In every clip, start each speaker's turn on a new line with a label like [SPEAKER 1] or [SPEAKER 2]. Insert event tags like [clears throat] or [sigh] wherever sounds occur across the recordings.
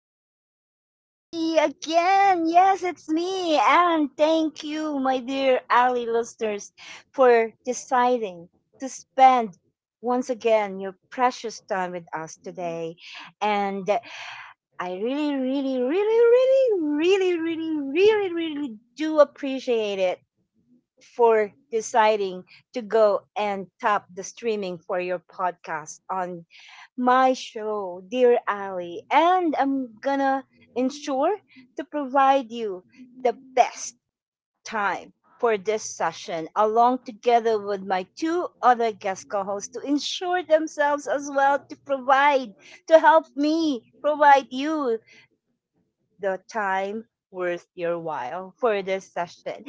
[SPEAKER 1] for your dear Ali again. Yes, it's me. And thank you, my dear Ali listeners, for deciding to spend once again your precious time with us today. And I really, really, really, really, really, really, really, really do appreciate it for deciding to go and tap the streaming for your podcast on my show, Dear Ali. And I'm gonna ensure to provide you the best time for this session, along together with my two other guest co hosts to ensure themselves as well to provide, to help me provide you the time worth your while for this session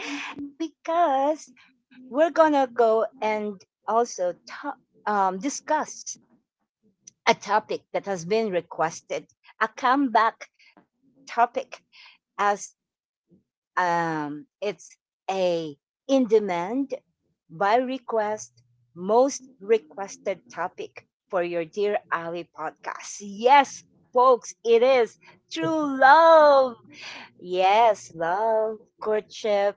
[SPEAKER 1] because we're gonna go and also to- discuss a topic that has been requested, a comeback topic, as it's a in demand by request most requested topic for your dear Ali podcast. Yes, folks, it is true love. Yes, love, courtship,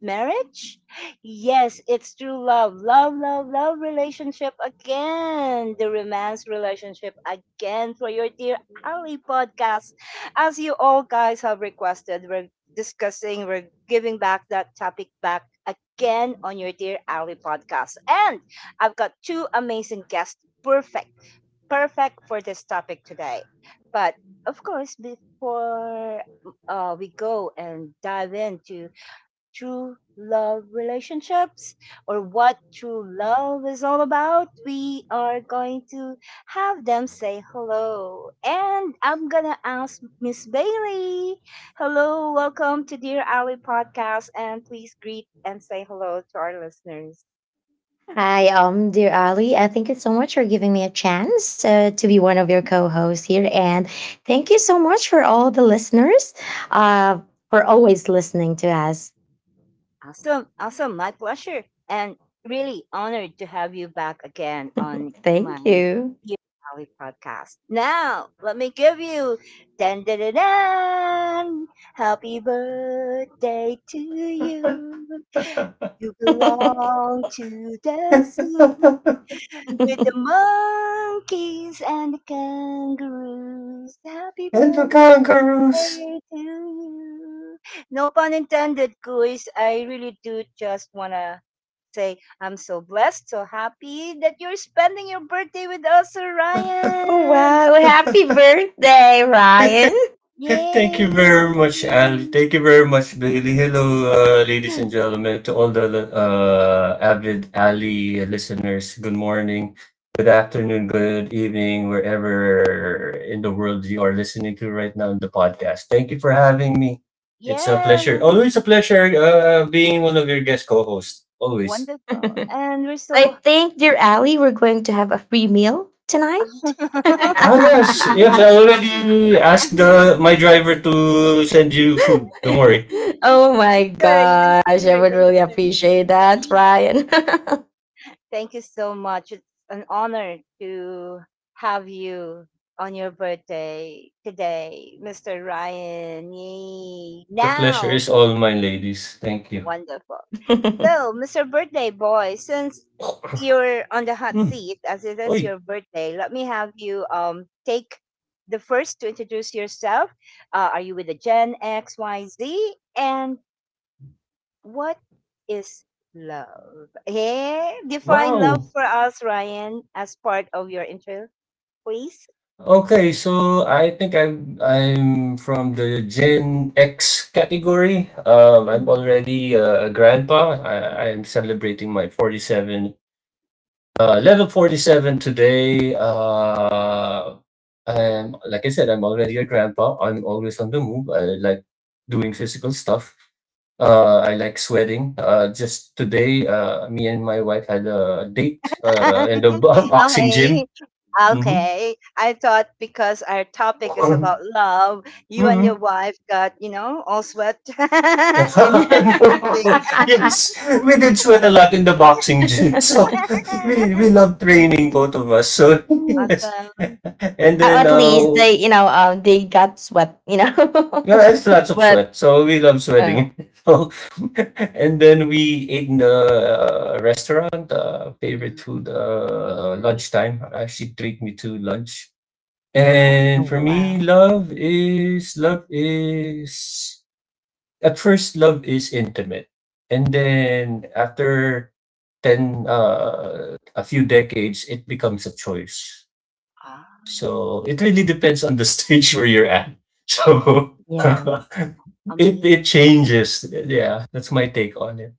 [SPEAKER 1] marriage? Yes, it's true love. Love, love, love relationship again. The romance relationship again for your dear Ali podcast. As you all guys have requested, we're discussing, we're giving back that topic back again on your dear Ali podcast. And I've got two amazing guests. Perfect, perfect for this topic today. But of course, before we go and dive into true love relationships or what true love is all about, we are going to have them say hello. And I'm gonna ask Miss Bailey. Hello, welcome to Dear Ally Podcast, and please greet and say hello to our listeners.
[SPEAKER 2] Hi, dear Ali. Thank you so much for giving me a chance to be one of your co-hosts here, and thank you so much for all the listeners uh, for always listening to us.
[SPEAKER 1] Awesome. Awesome. My pleasure. And really honored to have you back again on my
[SPEAKER 2] Thank you.
[SPEAKER 1] Dear Valley podcast. Now, let me give you dan dan dan dan. Happy birthday to you. You
[SPEAKER 2] [laughs] Oh,
[SPEAKER 1] belong to the zoo with the monkeys and the kangaroos. Happy
[SPEAKER 3] Hello
[SPEAKER 1] birthday
[SPEAKER 3] Kangaroos.
[SPEAKER 1] say to you. No pun intended, guys. I really do just want to say I'm so blessed, so happy that you're spending your birthday with us, Orion.
[SPEAKER 2] wow! Happy birthday, Ryan.
[SPEAKER 3] [laughs] And
[SPEAKER 1] Yay!
[SPEAKER 3] thank you very much, Ali. Thank you very much, Bailey. Hello, ladies and
[SPEAKER 2] [laughs]
[SPEAKER 3] gentlemen, to all the avid Ali listeners. Good morning, good afternoon, good evening, wherever in the world you are listening to right now in the podcast. Thank you for having me. It's a
[SPEAKER 1] Yes,
[SPEAKER 3] pleasure. Always a pleasure being one of your guest co-hosts. Always.
[SPEAKER 1] wonderful.
[SPEAKER 2] So
[SPEAKER 1] And we're
[SPEAKER 2] I
[SPEAKER 1] so.
[SPEAKER 2] think, dear Ali, we're going to have a free meal tonight.
[SPEAKER 1] [laughs]
[SPEAKER 3] Ah, yes.
[SPEAKER 1] Yes,
[SPEAKER 3] Yes,
[SPEAKER 2] [laughs]
[SPEAKER 3] I already asked my driver to send you food. Don't worry.
[SPEAKER 2] Oh my
[SPEAKER 1] sir. Yes,
[SPEAKER 2] gosh! I
[SPEAKER 1] sir.
[SPEAKER 2] would
[SPEAKER 1] Yes,
[SPEAKER 2] really
[SPEAKER 1] sir.
[SPEAKER 2] appreciate that, Ryan.
[SPEAKER 1] Thank you so much. It's an honor to have you on your birthday today, Mr. Ryan. Yay.
[SPEAKER 3] The pleasure
[SPEAKER 1] Now,
[SPEAKER 3] is all mine, ladies. Thank you.
[SPEAKER 1] wonderful. So,
[SPEAKER 2] [laughs]
[SPEAKER 1] Mr. Birthday Boy, since you're on the hot
[SPEAKER 3] Mm.
[SPEAKER 1] seat, as it is
[SPEAKER 3] Uy,
[SPEAKER 1] your birthday, let me have you take the first to introduce yourself. Are you with the Gen X, Y, Z? And what is love? Hey, define love
[SPEAKER 3] wow!
[SPEAKER 1] for us, Ryan, as part of your intro, please.
[SPEAKER 3] Okay, so I think I'm from the Gen X category. I'm
[SPEAKER 1] Mm.
[SPEAKER 3] already a grandpa. I'm celebrating my 47. Level 47 today. I'm, like I said, I'm already a grandpa. I'm always on the move. I like doing physical stuff. I like sweating. Just today, me and my wife had a date in the
[SPEAKER 1] [laughs]
[SPEAKER 3] [laughs] boxing
[SPEAKER 1] Okay,
[SPEAKER 3] gym. Hmm.
[SPEAKER 1] okay. I thought because our topic is
[SPEAKER 3] Hmm.
[SPEAKER 1] about love, you and your
[SPEAKER 3] [coughs]
[SPEAKER 1] wife got all sweat [laughs]
[SPEAKER 3] [laughs]
[SPEAKER 1] and the
[SPEAKER 2] [laughs]
[SPEAKER 1] bathroom thing.
[SPEAKER 3] Yes, we did sweat a lot in the boxing gym. [laughs] So we
[SPEAKER 1] [laughs]
[SPEAKER 3] love training, both of us. So [laughs]
[SPEAKER 2] Mm.
[SPEAKER 3] yes,
[SPEAKER 1] Awesome.
[SPEAKER 3] and
[SPEAKER 2] Uh,
[SPEAKER 3] then
[SPEAKER 1] That's
[SPEAKER 2] at least
[SPEAKER 1] amazing.
[SPEAKER 2] they, they got sweat.
[SPEAKER 3] yeah, it's lots
[SPEAKER 2] [laughs]
[SPEAKER 3] of
[SPEAKER 2] But
[SPEAKER 3] sweat. So we love
[SPEAKER 2] oh, oh,
[SPEAKER 3] sweating. [laughs] So, and then we ate in the restaurant, favorite
[SPEAKER 1] Mm,
[SPEAKER 3] food,
[SPEAKER 1] nice.
[SPEAKER 3] lunchtime. She treat me to lunch.
[SPEAKER 1] Wow.
[SPEAKER 3] And for me,
[SPEAKER 2] wow,
[SPEAKER 3] love is, at first, love is intimate. And then after a few decades, it becomes a choice.
[SPEAKER 1] Ah,
[SPEAKER 3] So it really depends on the [laughs] stage where you're at. So
[SPEAKER 2] yeah,
[SPEAKER 3] [laughs] it
[SPEAKER 1] amazing.
[SPEAKER 3] changes. Yeah, that's my take on it.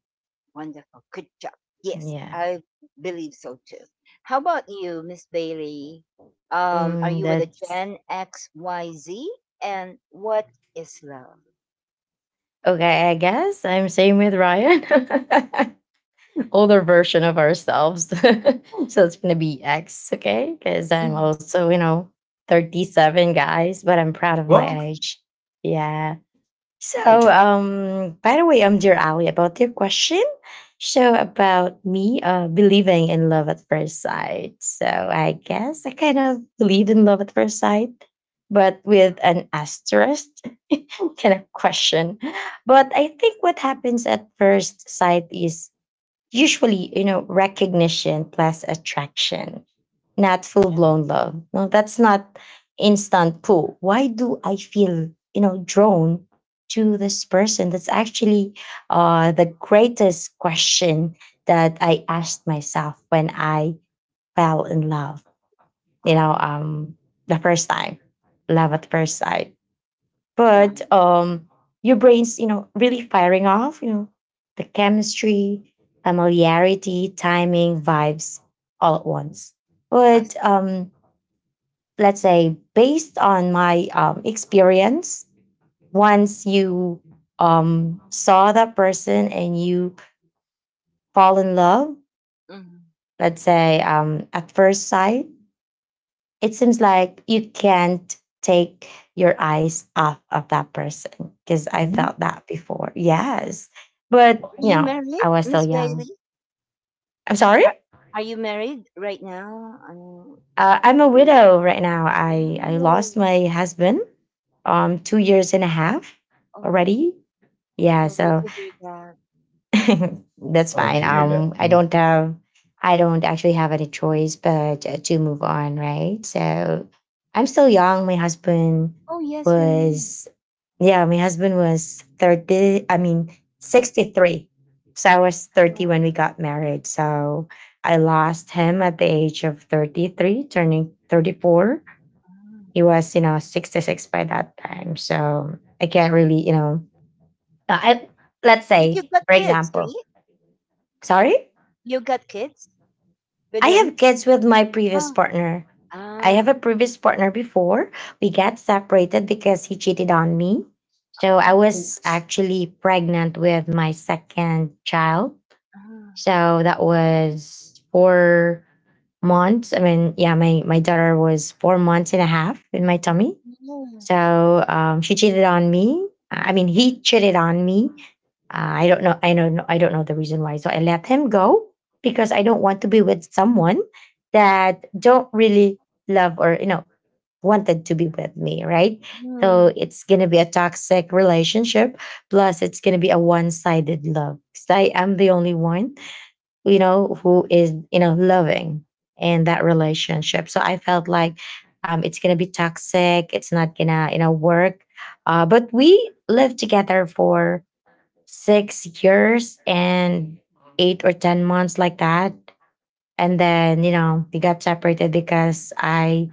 [SPEAKER 1] Wonderful. Good job. Yes,
[SPEAKER 2] yeah.
[SPEAKER 1] I believe so too. How about you, Miss Bailey? Are
[SPEAKER 2] Mm,
[SPEAKER 1] you with a
[SPEAKER 2] that's
[SPEAKER 1] Gen X Y Z? And what is love?
[SPEAKER 2] okay. I guess I'm same with Ryan. [laughs] Older version of ourselves, [laughs] so it's gonna be X, okay? Because I'm
[SPEAKER 1] Mm-hmm.
[SPEAKER 2] also, you know, 37 guys, but I'm proud of
[SPEAKER 3] Well,
[SPEAKER 2] my age. Yeah.
[SPEAKER 1] Yeah.
[SPEAKER 2] So, by the way, I'm dear Ali about your question. So about me, believing in love at first sight. So I guess I kind of believed in love at first sight, but with an asterisk [laughs] kind of question. But I think what happens at first sight is usually, recognition plus attraction, not full blown love. No, that's not instant pull. Why do I feel, drawn to this person? That's actually the greatest question that I asked myself when I fell in love you
[SPEAKER 1] Ah,
[SPEAKER 2] know um the first time, love
[SPEAKER 1] ah,
[SPEAKER 2] at first sight. but
[SPEAKER 1] one.
[SPEAKER 2] um your brain's, really firing off, the chemistry,
[SPEAKER 1] Mm,
[SPEAKER 2] familiarity, timing, vibes, all at once.
[SPEAKER 1] I
[SPEAKER 2] but
[SPEAKER 1] see.
[SPEAKER 2] um let's say based on my experience, once you saw that person and you fall in love,
[SPEAKER 1] Mhm.
[SPEAKER 2] let's say at first sight, it seems like you can't take your eyes off of that person because I felt that before. Yes. But,
[SPEAKER 1] Are you
[SPEAKER 2] I
[SPEAKER 1] married,
[SPEAKER 2] was so
[SPEAKER 1] Miss
[SPEAKER 2] young.
[SPEAKER 1] Bailey?
[SPEAKER 2] I'm sorry.
[SPEAKER 1] Are, are you married right now?
[SPEAKER 2] I'm a
[SPEAKER 1] Re-
[SPEAKER 2] widow right now. I
[SPEAKER 1] oh,
[SPEAKER 2] lost my husband 2 years and a half
[SPEAKER 1] oh,
[SPEAKER 2] already. Yeah.
[SPEAKER 1] sorry
[SPEAKER 2] So.
[SPEAKER 1] to hear that.
[SPEAKER 2] [laughs] That's fine. I don't actually have any choice but to move on, right? So I'm still young. My husband
[SPEAKER 1] Oh, yes, you're young.
[SPEAKER 2] was, yeah, my husband was 30, I mean, 63. So I was 30 when
[SPEAKER 1] Yeah.
[SPEAKER 2] we got married. So I lost him at the age of 33, turning 34.
[SPEAKER 1] Ah.
[SPEAKER 2] He was, 66 by that time. So I can't really, I, let's
[SPEAKER 1] But you
[SPEAKER 2] say,
[SPEAKER 1] got
[SPEAKER 2] for
[SPEAKER 1] kids, right?
[SPEAKER 2] example. Sorry?
[SPEAKER 1] You got kids? With
[SPEAKER 2] I have
[SPEAKER 1] him?
[SPEAKER 2] kids with my previous
[SPEAKER 1] Ah,
[SPEAKER 2] partner. I have
[SPEAKER 1] ah,
[SPEAKER 2] a previous partner before. We
[SPEAKER 1] mm.
[SPEAKER 2] got separated because he cheated on me. So I
[SPEAKER 1] Mm,
[SPEAKER 2] was actually pregnant with my second child.
[SPEAKER 1] ah,
[SPEAKER 2] So that was 4 months. I mean, yeah, my daughter was 4 months and a half in my tummy.
[SPEAKER 1] mm,
[SPEAKER 2] So she cheated on me. I mean, he cheated on me. I don't know. I don't know. I don't know the reason why. So I let him go because I don't want to be with someone that don't really love or wanted to be with me, right? So
[SPEAKER 1] mm,
[SPEAKER 2] it's gonna be a toxic relationship. Plus, it's gonna be a one-sided love. 'Cause I am the only one who is, loving in that relationship. So I felt like it's going to be toxic. It's not going to, work. But we lived together for 6 years and 8 or 10 months like that. And then, we got separated because I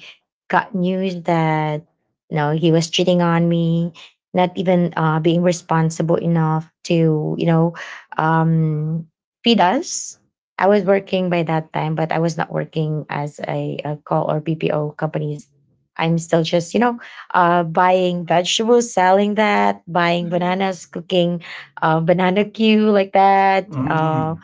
[SPEAKER 2] got news that, he was cheating on me, not even being responsible enough to, um, feed us. I was
[SPEAKER 1] mm,
[SPEAKER 2] working by that time, but I was not working as a call or BPO companies. I'm still just, buying vegetables, selling that, buying
[SPEAKER 1] mm,
[SPEAKER 2] bananas, cooking banana queue like that.
[SPEAKER 1] mm,
[SPEAKER 2] Uh,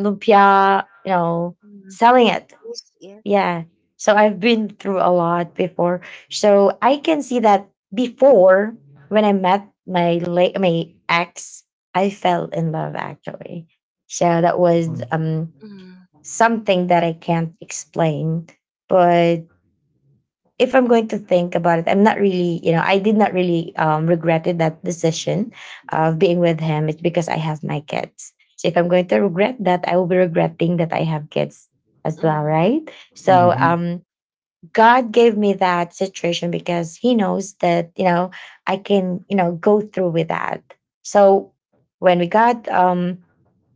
[SPEAKER 2] lumpia,
[SPEAKER 1] mm. Spring
[SPEAKER 2] selling it.
[SPEAKER 1] rules, yeah.
[SPEAKER 2] Yeah. So I've been through a lot before. So I can see that before when I met my ex, I fell in love actually. So that was
[SPEAKER 1] Mm,
[SPEAKER 2] something that I can't explain, but if I'm
[SPEAKER 1] mm,
[SPEAKER 2] going to think about it, I did not really regretted that decision of being with him. It's because I have my kids. So if I'm going to regret that, I will be regretting that I have kids as well,
[SPEAKER 1] mm.
[SPEAKER 2] right? So
[SPEAKER 3] mm,
[SPEAKER 2] God gave me that situation because He knows that I can, go through with that. So when we got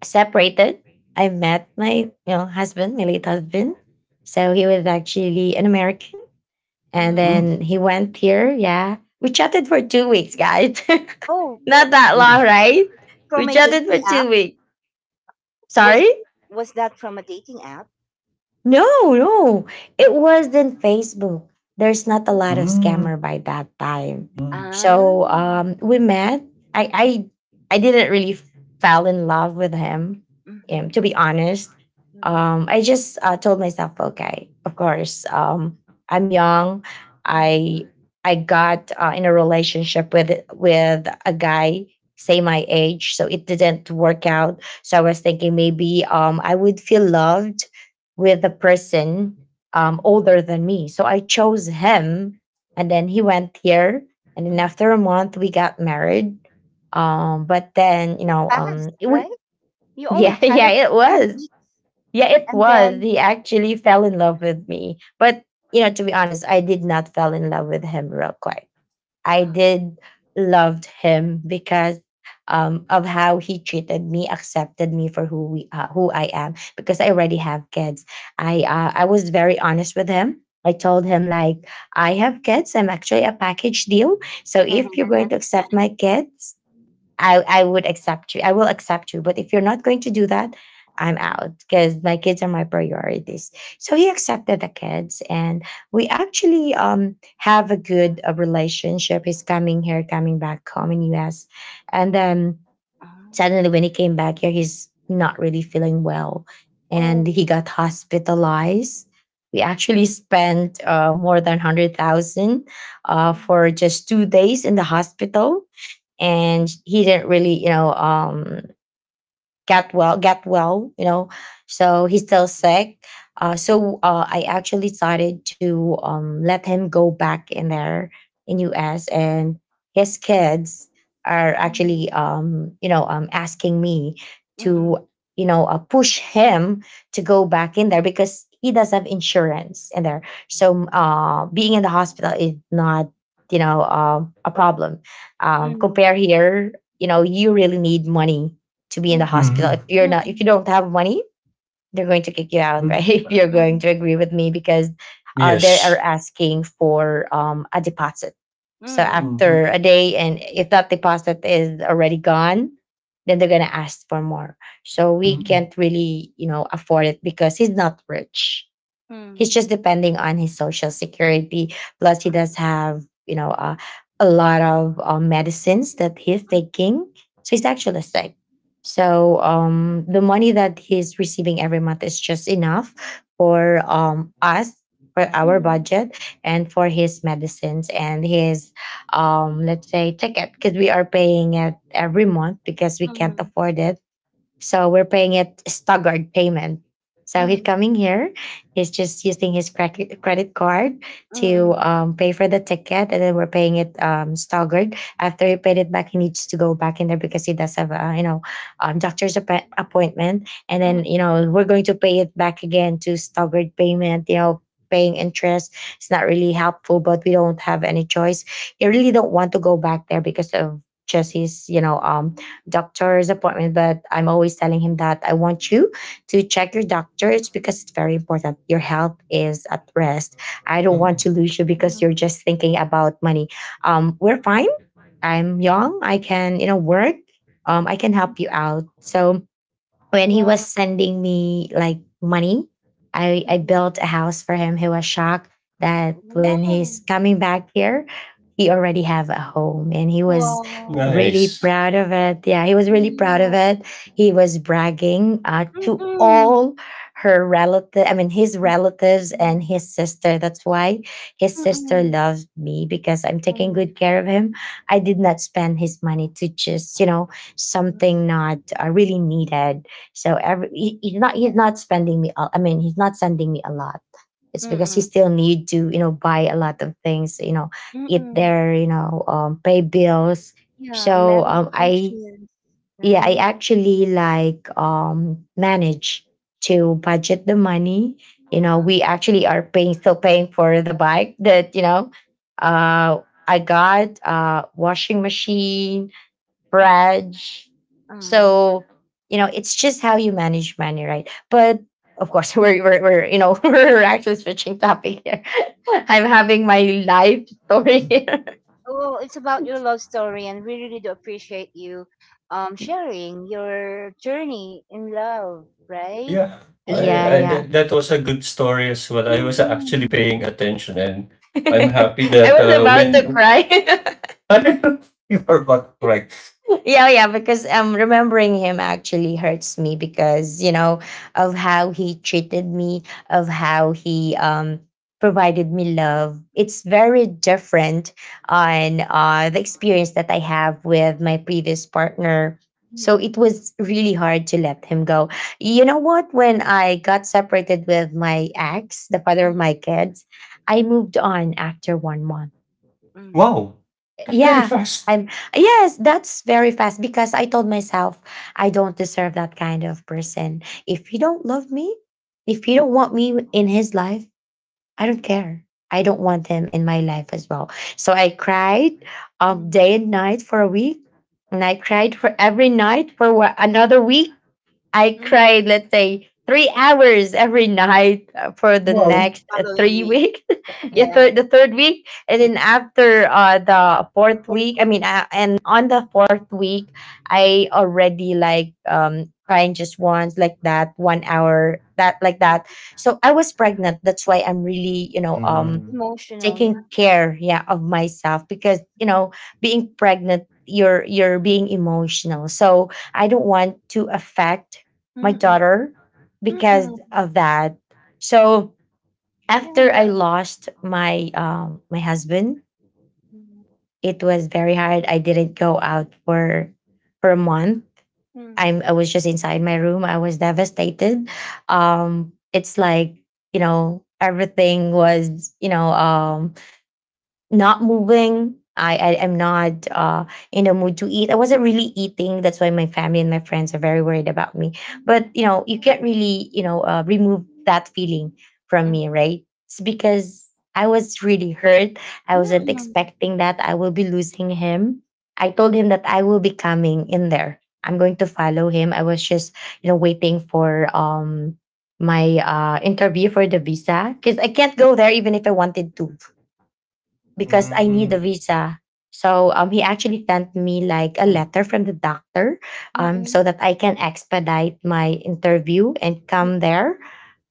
[SPEAKER 2] separated, I met my husband, my late husband. So he was actually an American and
[SPEAKER 1] Um,
[SPEAKER 2] then
[SPEAKER 3] mm,
[SPEAKER 2] he went here. Yeah. We chatted for 2 weeks, guys. [laughs]
[SPEAKER 1] oh,
[SPEAKER 2] Not that long,
[SPEAKER 3] mm,
[SPEAKER 2] right?
[SPEAKER 1] from
[SPEAKER 2] We
[SPEAKER 1] a
[SPEAKER 2] chatted for
[SPEAKER 1] dating app?
[SPEAKER 2] 2 weeks.
[SPEAKER 1] Was
[SPEAKER 2] Sorry?
[SPEAKER 1] was that from a dating app?
[SPEAKER 2] No, no. It wasn't Facebook. There's not a
[SPEAKER 1] Mm,
[SPEAKER 2] lot of scammer
[SPEAKER 3] mm,
[SPEAKER 2] by that time.
[SPEAKER 1] ah,
[SPEAKER 2] So we met. I I
[SPEAKER 1] mhm,
[SPEAKER 2] I didn't really fell in love with him. To
[SPEAKER 1] mhm,
[SPEAKER 2] be honest.
[SPEAKER 1] mhm,
[SPEAKER 2] I just told myself, okay, of course, I'm young.
[SPEAKER 1] mhm,
[SPEAKER 2] I I got in a relationship with a guy say my age, so it didn't work out. So I was thinking maybe I would feel loved with a person
[SPEAKER 1] mhm,
[SPEAKER 2] older than me. So I chose him, and then he went here. And then
[SPEAKER 1] mhm.
[SPEAKER 2] after a month, we got married. But then,
[SPEAKER 1] It's fast,
[SPEAKER 2] it- we
[SPEAKER 1] right? You only
[SPEAKER 2] yeah, [laughs] yeah,
[SPEAKER 1] chatted for
[SPEAKER 2] it
[SPEAKER 1] two
[SPEAKER 2] was,
[SPEAKER 1] weeks
[SPEAKER 2] yeah, it
[SPEAKER 1] and
[SPEAKER 2] was.
[SPEAKER 1] then
[SPEAKER 2] He actually fell in love with me, but to be honest, I did not fall in love with him real quick. I
[SPEAKER 1] wow.
[SPEAKER 2] did loved him because of how he treated me, accepted me for who I am. Because I already have kids, I was very honest with him. I told him like I have kids. I'm actually a package deal. So if you're going to
[SPEAKER 1] [laughs]
[SPEAKER 2] accept my kids, I would accept you. I will accept you. But if you're not going to do that, I'm out because my kids are my priorities. So he accepted the kids, and we actually have a good relationship. He's coming here, coming back home in US, and then
[SPEAKER 1] Ah,
[SPEAKER 2] suddenly when he came back here, he's not really feeling well, and he
[SPEAKER 1] oh.
[SPEAKER 2] got hospitalized. We actually spent more than 100,000 for
[SPEAKER 1] Mm.
[SPEAKER 2] just 2 days in the hospital, and
[SPEAKER 1] Mm.
[SPEAKER 2] he didn't really get well, so he's still sick. So I actually decided to let him go back in there in US, and his kids are
[SPEAKER 1] Mhm,
[SPEAKER 2] actually asking me
[SPEAKER 1] mm,
[SPEAKER 2] to push him to go back in there because he does have insurance in there. So being in the hospital is not a problem, compare
[SPEAKER 1] mm,
[SPEAKER 2] here. You know you really need money to be in the
[SPEAKER 1] mm,
[SPEAKER 2] hospital.
[SPEAKER 1] mm,
[SPEAKER 2] If
[SPEAKER 3] mhm,
[SPEAKER 2] you're not, if you
[SPEAKER 1] mm,
[SPEAKER 2] don't have money, they're going to kick you out, [laughs] right?
[SPEAKER 3] mm.
[SPEAKER 2] If you're going to agree with me, because they are
[SPEAKER 3] Yes.
[SPEAKER 2] asking for a deposit. So
[SPEAKER 1] mm,
[SPEAKER 2] after
[SPEAKER 3] Mhm,
[SPEAKER 2] a day, and if that deposit is already gone, then they're gonna ask for more. So we
[SPEAKER 3] mm,
[SPEAKER 2] can't really, afford it because he's not rich. He's
[SPEAKER 1] mm,
[SPEAKER 2] just depending on his social security. Plus, he
[SPEAKER 1] ah,
[SPEAKER 2] does have, a lot of medicines that he's
[SPEAKER 1] ah,
[SPEAKER 2] taking. So he's actually sick. So the money that he's receiving every month is just enough for us, for our
[SPEAKER 1] mm,
[SPEAKER 2] budget, and for his medicines and his, let's say, ticket because we are paying it every month because we can't
[SPEAKER 1] mm,
[SPEAKER 2] afford it, so we're paying it staggered payment. So he's
[SPEAKER 1] mm,
[SPEAKER 2] coming here. He's just using his credit card to pay for the ticket, and then we're paying it staggered. After he paid it back, he needs to go back in there because he does have a doctor's appointment, and
[SPEAKER 1] mm,
[SPEAKER 2] then
[SPEAKER 1] mm,
[SPEAKER 2] we're going to pay it back again to staggered payment. Paying interest. It's not really helpful, but we don't have any choice. You really don't want to go back there because of just his doctor's appointment, but I'm always telling him that I want you to check your doctor. It's because it's very important. Your health is at rest. I don't want
[SPEAKER 3] mm.
[SPEAKER 2] to lose you
[SPEAKER 1] mm,
[SPEAKER 2] because you're just thinking about money. We're fine. I'm young. I can, work. I can help
[SPEAKER 1] mm.
[SPEAKER 2] you out. So when he
[SPEAKER 1] Wow,
[SPEAKER 2] was sending me like money, I
[SPEAKER 1] mm,
[SPEAKER 2] built a house for him. He was shocked that when
[SPEAKER 1] wow,
[SPEAKER 2] he's coming back here, he already have a home, and he was
[SPEAKER 1] wow,
[SPEAKER 2] really
[SPEAKER 3] Nice.
[SPEAKER 2] proud of it. Yeah, he was really proud of
[SPEAKER 1] yeah,
[SPEAKER 2] it. He was bragging
[SPEAKER 1] mm,
[SPEAKER 2] to
[SPEAKER 1] mm,
[SPEAKER 2] all her relative I mean his
[SPEAKER 1] mm,
[SPEAKER 2] relatives and
[SPEAKER 1] mm,
[SPEAKER 2] his sister. That's why his sister loves me, because I'm taking
[SPEAKER 1] mm,
[SPEAKER 2] good care of him. I did not spend his money to just you know something not really needed. So every he's not spending me. I mean, he's not sending me a lot. It's because he
[SPEAKER 1] mm,
[SPEAKER 2] still need to you know buy a lot of things. You know,
[SPEAKER 1] mm,
[SPEAKER 2] eat
[SPEAKER 1] mm.
[SPEAKER 2] there. You know, pay bills.
[SPEAKER 1] Yeah, and
[SPEAKER 2] So um, I
[SPEAKER 1] meditations,
[SPEAKER 2] yeah I
[SPEAKER 1] right?
[SPEAKER 2] actually like manage to budget the money. You know,
[SPEAKER 1] Wow.
[SPEAKER 2] we actually are paying still paying for the bike that you know. Uh, I got washing machine Raj.
[SPEAKER 1] Uh.
[SPEAKER 2] So, you know, it's just how you manage money, right? But of course, [laughs] we're you know, [laughs] we're actually switching topic here. [laughs] I'm having my life story here. [laughs]
[SPEAKER 1] Oh, it's about your love story, and we really do appreciate you sharing your journey in love, right?
[SPEAKER 3] Yeah. I,
[SPEAKER 1] And in
[SPEAKER 2] Yeah,
[SPEAKER 3] I
[SPEAKER 1] love.
[SPEAKER 2] yeah.
[SPEAKER 3] that was a good story as well. I was actually
[SPEAKER 1] Mm-mm.
[SPEAKER 3] paying attention, and
[SPEAKER 2] [laughs]
[SPEAKER 3] I'm
[SPEAKER 1] Mm-mm.
[SPEAKER 2] I
[SPEAKER 3] happy that
[SPEAKER 2] was about to
[SPEAKER 3] when
[SPEAKER 2] cry. [laughs]
[SPEAKER 3] [laughs] I don't know if you are not correct.
[SPEAKER 2] Yeah, yeah, because remembering him actually hurts me, because you know of how he treated me, of how he provided me love. It's very different on the experience that I have with my previous partner. So
[SPEAKER 1] Mm-mm.
[SPEAKER 2] it was really hard to let him go. You know what? When I got separated with my ex, the father of my kids, I
[SPEAKER 1] Mm-mm.
[SPEAKER 2] moved on after 1 month.
[SPEAKER 3] Wow.
[SPEAKER 2] Yeah. I'm yes, that's very fast, because I told myself I don't deserve that kind of person. If you don't love me, if you don't want me in his life, I don't care. I don't want him in my life as well. So I cried day and night for a week. And I cried for every night for another week. I cried, let's say, 3 hours every night for the
[SPEAKER 3] Wow.
[SPEAKER 2] next
[SPEAKER 1] Following
[SPEAKER 2] three
[SPEAKER 1] week,
[SPEAKER 2] weeks. [laughs] Yeah,
[SPEAKER 1] yeah.
[SPEAKER 2] the third week, and then after the fourth
[SPEAKER 1] Fourth
[SPEAKER 2] week,
[SPEAKER 1] week,
[SPEAKER 2] I mean, and on the fourth week,
[SPEAKER 1] mm.
[SPEAKER 2] I already like crying just once, like that, 1 hour, that like
[SPEAKER 1] Mm.
[SPEAKER 2] that. So I was pregnant. That's why I'm really, you know,
[SPEAKER 1] Emotional, yeah.
[SPEAKER 2] taking care, yeah, of myself, because you know being pregnant you're being emotional, so I don't want to affect my
[SPEAKER 1] Mm-mm.
[SPEAKER 2] daughter because
[SPEAKER 1] Mm-mm.
[SPEAKER 2] of that. So
[SPEAKER 1] Yeah,
[SPEAKER 2] after I
[SPEAKER 1] that.
[SPEAKER 2] lost my husband,
[SPEAKER 1] Mm-mm.
[SPEAKER 2] it was very hard. I didn't go out for a month. I was just inside my room. I was devastated. It's like you know everything was you know not moving. I am not in the mood to eat. I wasn't really eating. That's why my family and my friends are very worried about me. But you know, you can't really you know remove that feeling from
[SPEAKER 1] Mm-mm.
[SPEAKER 2] me, right? It's because I was really hurt. I wasn't
[SPEAKER 1] Mm-mm.
[SPEAKER 2] expecting that I will be losing him. I told him that I will be coming in there. I'm going to follow him. I was just you know waiting for my interview for the visa, because I can't go there even if I wanted to, because I need a
[SPEAKER 3] Mm.
[SPEAKER 2] visa. So he actually sent me like a letter from the doctor,
[SPEAKER 1] Mm-mm.
[SPEAKER 2] so that I can expedite my interview and come
[SPEAKER 1] Mm-mm.
[SPEAKER 2] there.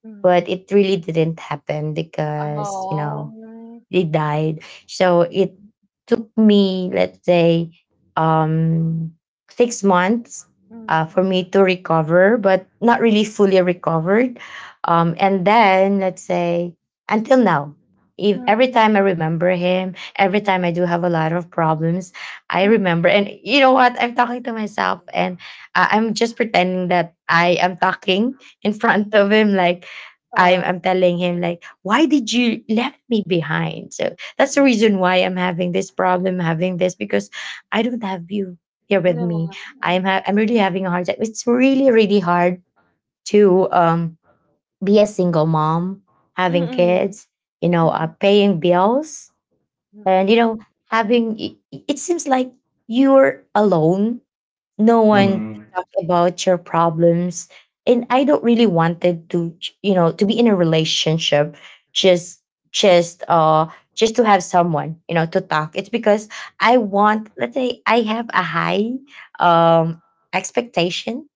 [SPEAKER 1] Mm.
[SPEAKER 2] But it really didn't happen because, you know,
[SPEAKER 1] Oh.
[SPEAKER 2] they died. So it
[SPEAKER 1] Mm.
[SPEAKER 2] took me, let's say, um, 6 months
[SPEAKER 1] Mm.
[SPEAKER 2] for me to recover, but not really fully recovered. And then, let's say, until now, if every
[SPEAKER 1] Mm.
[SPEAKER 2] time I remember him, every time I do have a lot of problems, I
[SPEAKER 1] Mm,
[SPEAKER 2] remember. And you know what? I'm talking to myself, and I'm just pretending that I am talking in front of him, like I'm,
[SPEAKER 1] ah,
[SPEAKER 2] I'm telling him, like, why did you left me behind? So that's
[SPEAKER 1] yeah,
[SPEAKER 2] the reason why I'm having this problem, having this, because I don't have you here with me.
[SPEAKER 1] mm.
[SPEAKER 2] I'm really having a hard time. It's really, really hard to be a single mom having
[SPEAKER 1] Mm,
[SPEAKER 2] kids, you know,
[SPEAKER 1] mm,
[SPEAKER 2] paying bills, and you
[SPEAKER 1] mm,
[SPEAKER 2] know having it, it seems like you're alone, no one to talk about your problems. And I don't really wanted to you know to be in a relationship, just just uh just to have someone you know to talk. It's because I want, let's say, I have a high um expectation,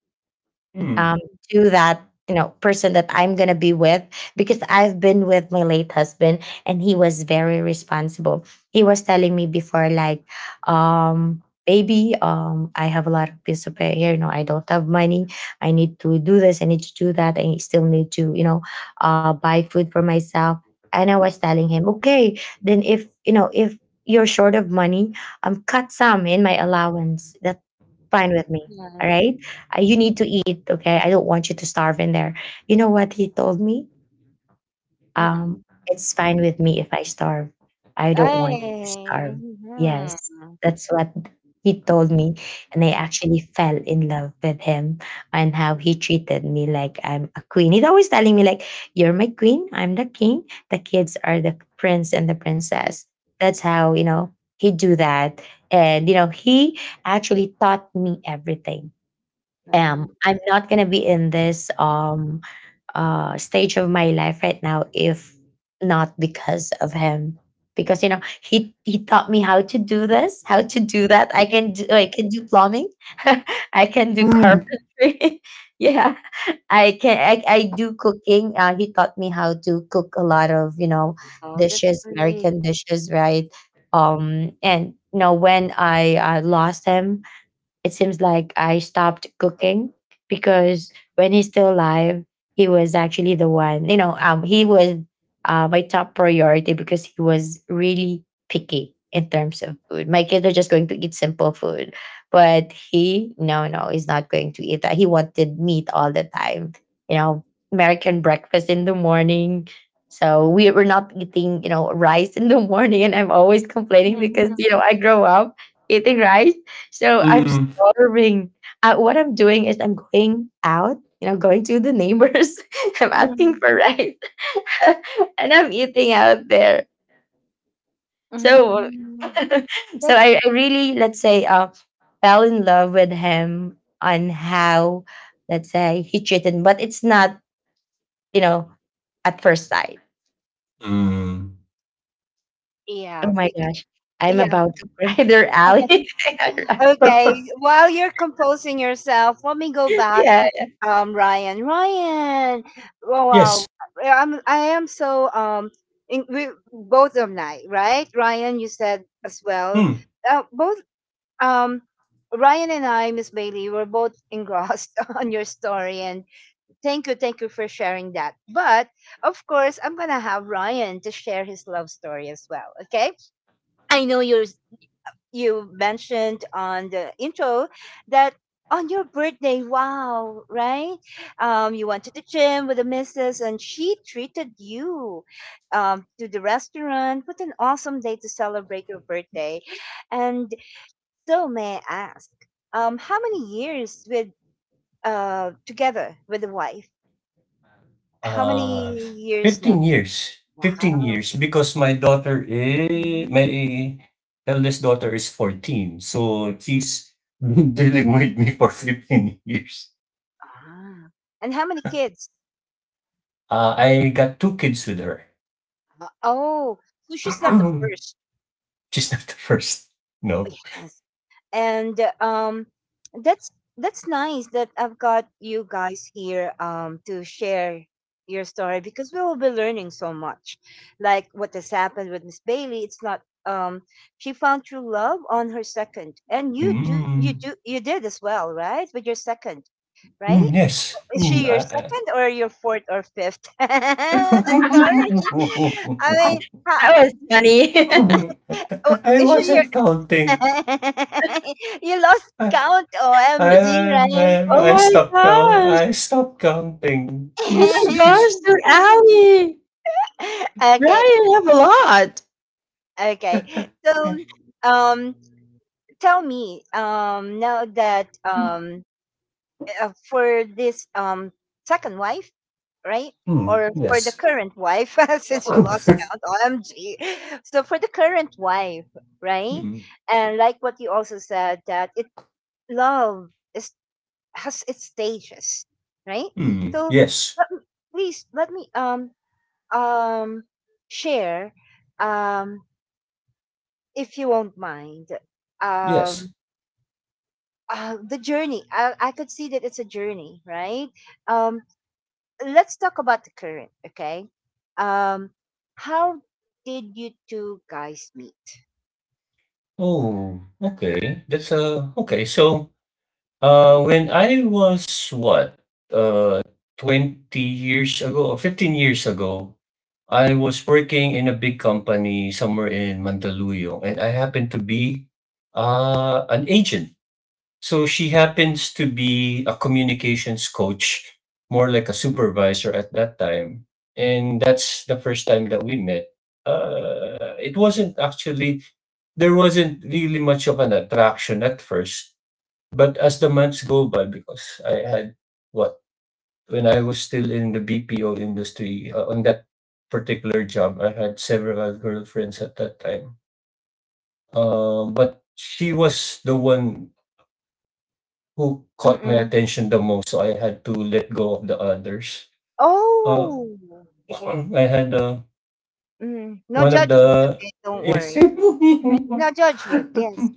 [SPEAKER 2] um,
[SPEAKER 3] Mm.
[SPEAKER 2] to that you know person that I'm gonna be with, because I've been with my late husband, and he was very responsible. He was telling me before, like, baby, I have a lot of bills to pay here. You know, I don't have money. I need to do this. I need to do that. I still need to you know buy food for myself. And I was telling him, okay, then if you're short of money, cut some in my allowance. That fine with me. All
[SPEAKER 1] nice,
[SPEAKER 2] right. You need to eat. Okay. I don't want you to starve in there. You know what he told me?
[SPEAKER 1] mm.
[SPEAKER 2] Um, it's fine with me if I starve. I don't want you to starve.
[SPEAKER 1] Ay,
[SPEAKER 2] Yes.
[SPEAKER 1] mhm,
[SPEAKER 2] That's what he told me. And I
[SPEAKER 1] mhm,
[SPEAKER 2] actually fell in love with him, and how he treated me, like I'm a queen. He's always telling me, like, you're my queen. I'm the king. The kids are the prince and the
[SPEAKER 1] that's
[SPEAKER 2] princess. That's how, you know, he do that. And, you know, he actually taught me everything am.
[SPEAKER 1] nice.
[SPEAKER 2] I'm not gonna be in this stage of my life right now if not because of him. Because you know he taught me how to do this, how to do that. I can do plumbing, [laughs] I can do
[SPEAKER 3] Mm.
[SPEAKER 2] carpentry. [laughs] Yeah, I do cooking. He taught me how to cook a lot of you know
[SPEAKER 1] Wow, that's
[SPEAKER 2] dishes,
[SPEAKER 1] sweet.
[SPEAKER 2] American dishes, right? And you know when I lost him, it seems like I stopped cooking, because when he's still alive, he was actually the one, you know, he was my top priority, because he was really picky in terms of food. My kids are just going to eat simple food, but he, no, no, he's not going to eat that. He wanted meat all the time, you know, American breakfast in the morning. So we were not eating, you know, rice in the [laughs] morning, and I'm always complaining because
[SPEAKER 1] Mhm,
[SPEAKER 2] you know I grow up eating rice, so I'm
[SPEAKER 3] Mm,
[SPEAKER 2] starving. What I'm doing is I'm going out, you know, going to the neighbors. [laughs] I'm asking
[SPEAKER 1] mhm,
[SPEAKER 2] for rice, [laughs] and I'm eating out there. So,
[SPEAKER 1] mhm.
[SPEAKER 2] [laughs] so
[SPEAKER 1] That's
[SPEAKER 2] I really let's say fell in love with him on how, let's say, he cheated, but it's not you know at first sight.
[SPEAKER 3] mm,
[SPEAKER 2] Oh
[SPEAKER 1] yeah,
[SPEAKER 2] my
[SPEAKER 1] big
[SPEAKER 2] gosh, I'm
[SPEAKER 1] yeah.
[SPEAKER 2] about to cry there, Ali.
[SPEAKER 1] [laughs]
[SPEAKER 2] [laughs]
[SPEAKER 1] Okay, while you're composing yourself, let me go back
[SPEAKER 2] Yeah,
[SPEAKER 1] to Ryan. Ryan, oh, wow,
[SPEAKER 3] yes.
[SPEAKER 1] yeah, I am so in, we both of night, right? Ryan, you said as well.
[SPEAKER 3] Hmm.
[SPEAKER 1] Both um Ryan and I, Miss Bailey, were both engrossed [laughs] on your story, and thank you for sharing that. But of course, I'm gonna have Ryan to share his love story as well. Okay, I know you mentioned on the intro that on your birthday, wow, right? You went to the gym with the missus and she treated you to the restaurant. What an awesome day to celebrate your birthday. And so, may I ask, how many years with together with the wife? How
[SPEAKER 3] Uh,
[SPEAKER 1] many years now?
[SPEAKER 3] 15 years. 15
[SPEAKER 1] Wow.
[SPEAKER 3] years because
[SPEAKER 1] Mhm.
[SPEAKER 3] my eldest daughter is 14. So she's [laughs] been dealing with me for 15 years.
[SPEAKER 1] Ah. And how many kids?
[SPEAKER 3] I got two kids with her.
[SPEAKER 1] Oh, so she's not the
[SPEAKER 3] [clears throat]
[SPEAKER 1] first.
[SPEAKER 3] She's not the first. No.
[SPEAKER 1] Yes. And that's nice that I've got you guys here to share your story because we will be learning so much like what has happened with Miss Bailey. It's not she found true love on her second, and you do
[SPEAKER 3] Mm,
[SPEAKER 1] you did as well, right, with your second, right?
[SPEAKER 3] mm, yes.
[SPEAKER 1] Is
[SPEAKER 3] Mm,
[SPEAKER 1] she your second or your fourth or fifth? [laughs] Sorry, I mean ha-
[SPEAKER 2] that was funny. [laughs]
[SPEAKER 3] I
[SPEAKER 1] oh,
[SPEAKER 3] [laughs] I
[SPEAKER 1] is she
[SPEAKER 3] wasn't counting.
[SPEAKER 1] [laughs] you lost count,
[SPEAKER 3] I
[SPEAKER 1] OMG, Ryan.
[SPEAKER 2] Oh
[SPEAKER 3] I
[SPEAKER 2] my
[SPEAKER 3] stopped count.
[SPEAKER 2] gosh.
[SPEAKER 3] I stopped counting.
[SPEAKER 2] Oh my
[SPEAKER 3] She's
[SPEAKER 2] gosh,
[SPEAKER 3] she's.
[SPEAKER 2] they're
[SPEAKER 1] [laughs]
[SPEAKER 2] alley. Right,
[SPEAKER 1] Okay,
[SPEAKER 2] I have a lot.
[SPEAKER 1] okay. So, um, tell me, now that for this second wife, right?
[SPEAKER 3] Hmm.
[SPEAKER 1] Or for the
[SPEAKER 3] Yes.
[SPEAKER 1] current wife, [laughs] since you
[SPEAKER 3] Hmm.
[SPEAKER 1] lost count, OMG. So for the current wife, right? And like what you also said, that it love is has its stages, right?
[SPEAKER 3] Hmm.
[SPEAKER 1] So
[SPEAKER 3] Yes.
[SPEAKER 1] let, me- please let me um share um if you won't mind
[SPEAKER 3] Yes.
[SPEAKER 1] um the journey. I could see that it's a journey, right? Um, let's talk about the current, okay? Um, how did you two guys meet?
[SPEAKER 3] Oh. Okay. That's. Okay. So when I was what uh 20 years ago or 15 years ago, I was working in a big company somewhere in Mandaluyong, and I happened to be an agent. So she happens to be a communications coach, more like a supervisor at that time. And that's the first time that we met. It wasn't actually, there wasn't really much of an attraction at first. But as the months go by, because what, when I was still in the BPO industry, on that particular job, I had several girlfriends at that time. But she was the one who caught my
[SPEAKER 1] Mm-mm.
[SPEAKER 3] attention the most, so I had to let go of the others. Uh,
[SPEAKER 1] Oh,
[SPEAKER 3] [coughs] [clears throat] I had
[SPEAKER 1] mm. No
[SPEAKER 3] one of
[SPEAKER 1] judgment.
[SPEAKER 3] the
[SPEAKER 1] Okay, don't worry. [laughs] No judgment. Yes,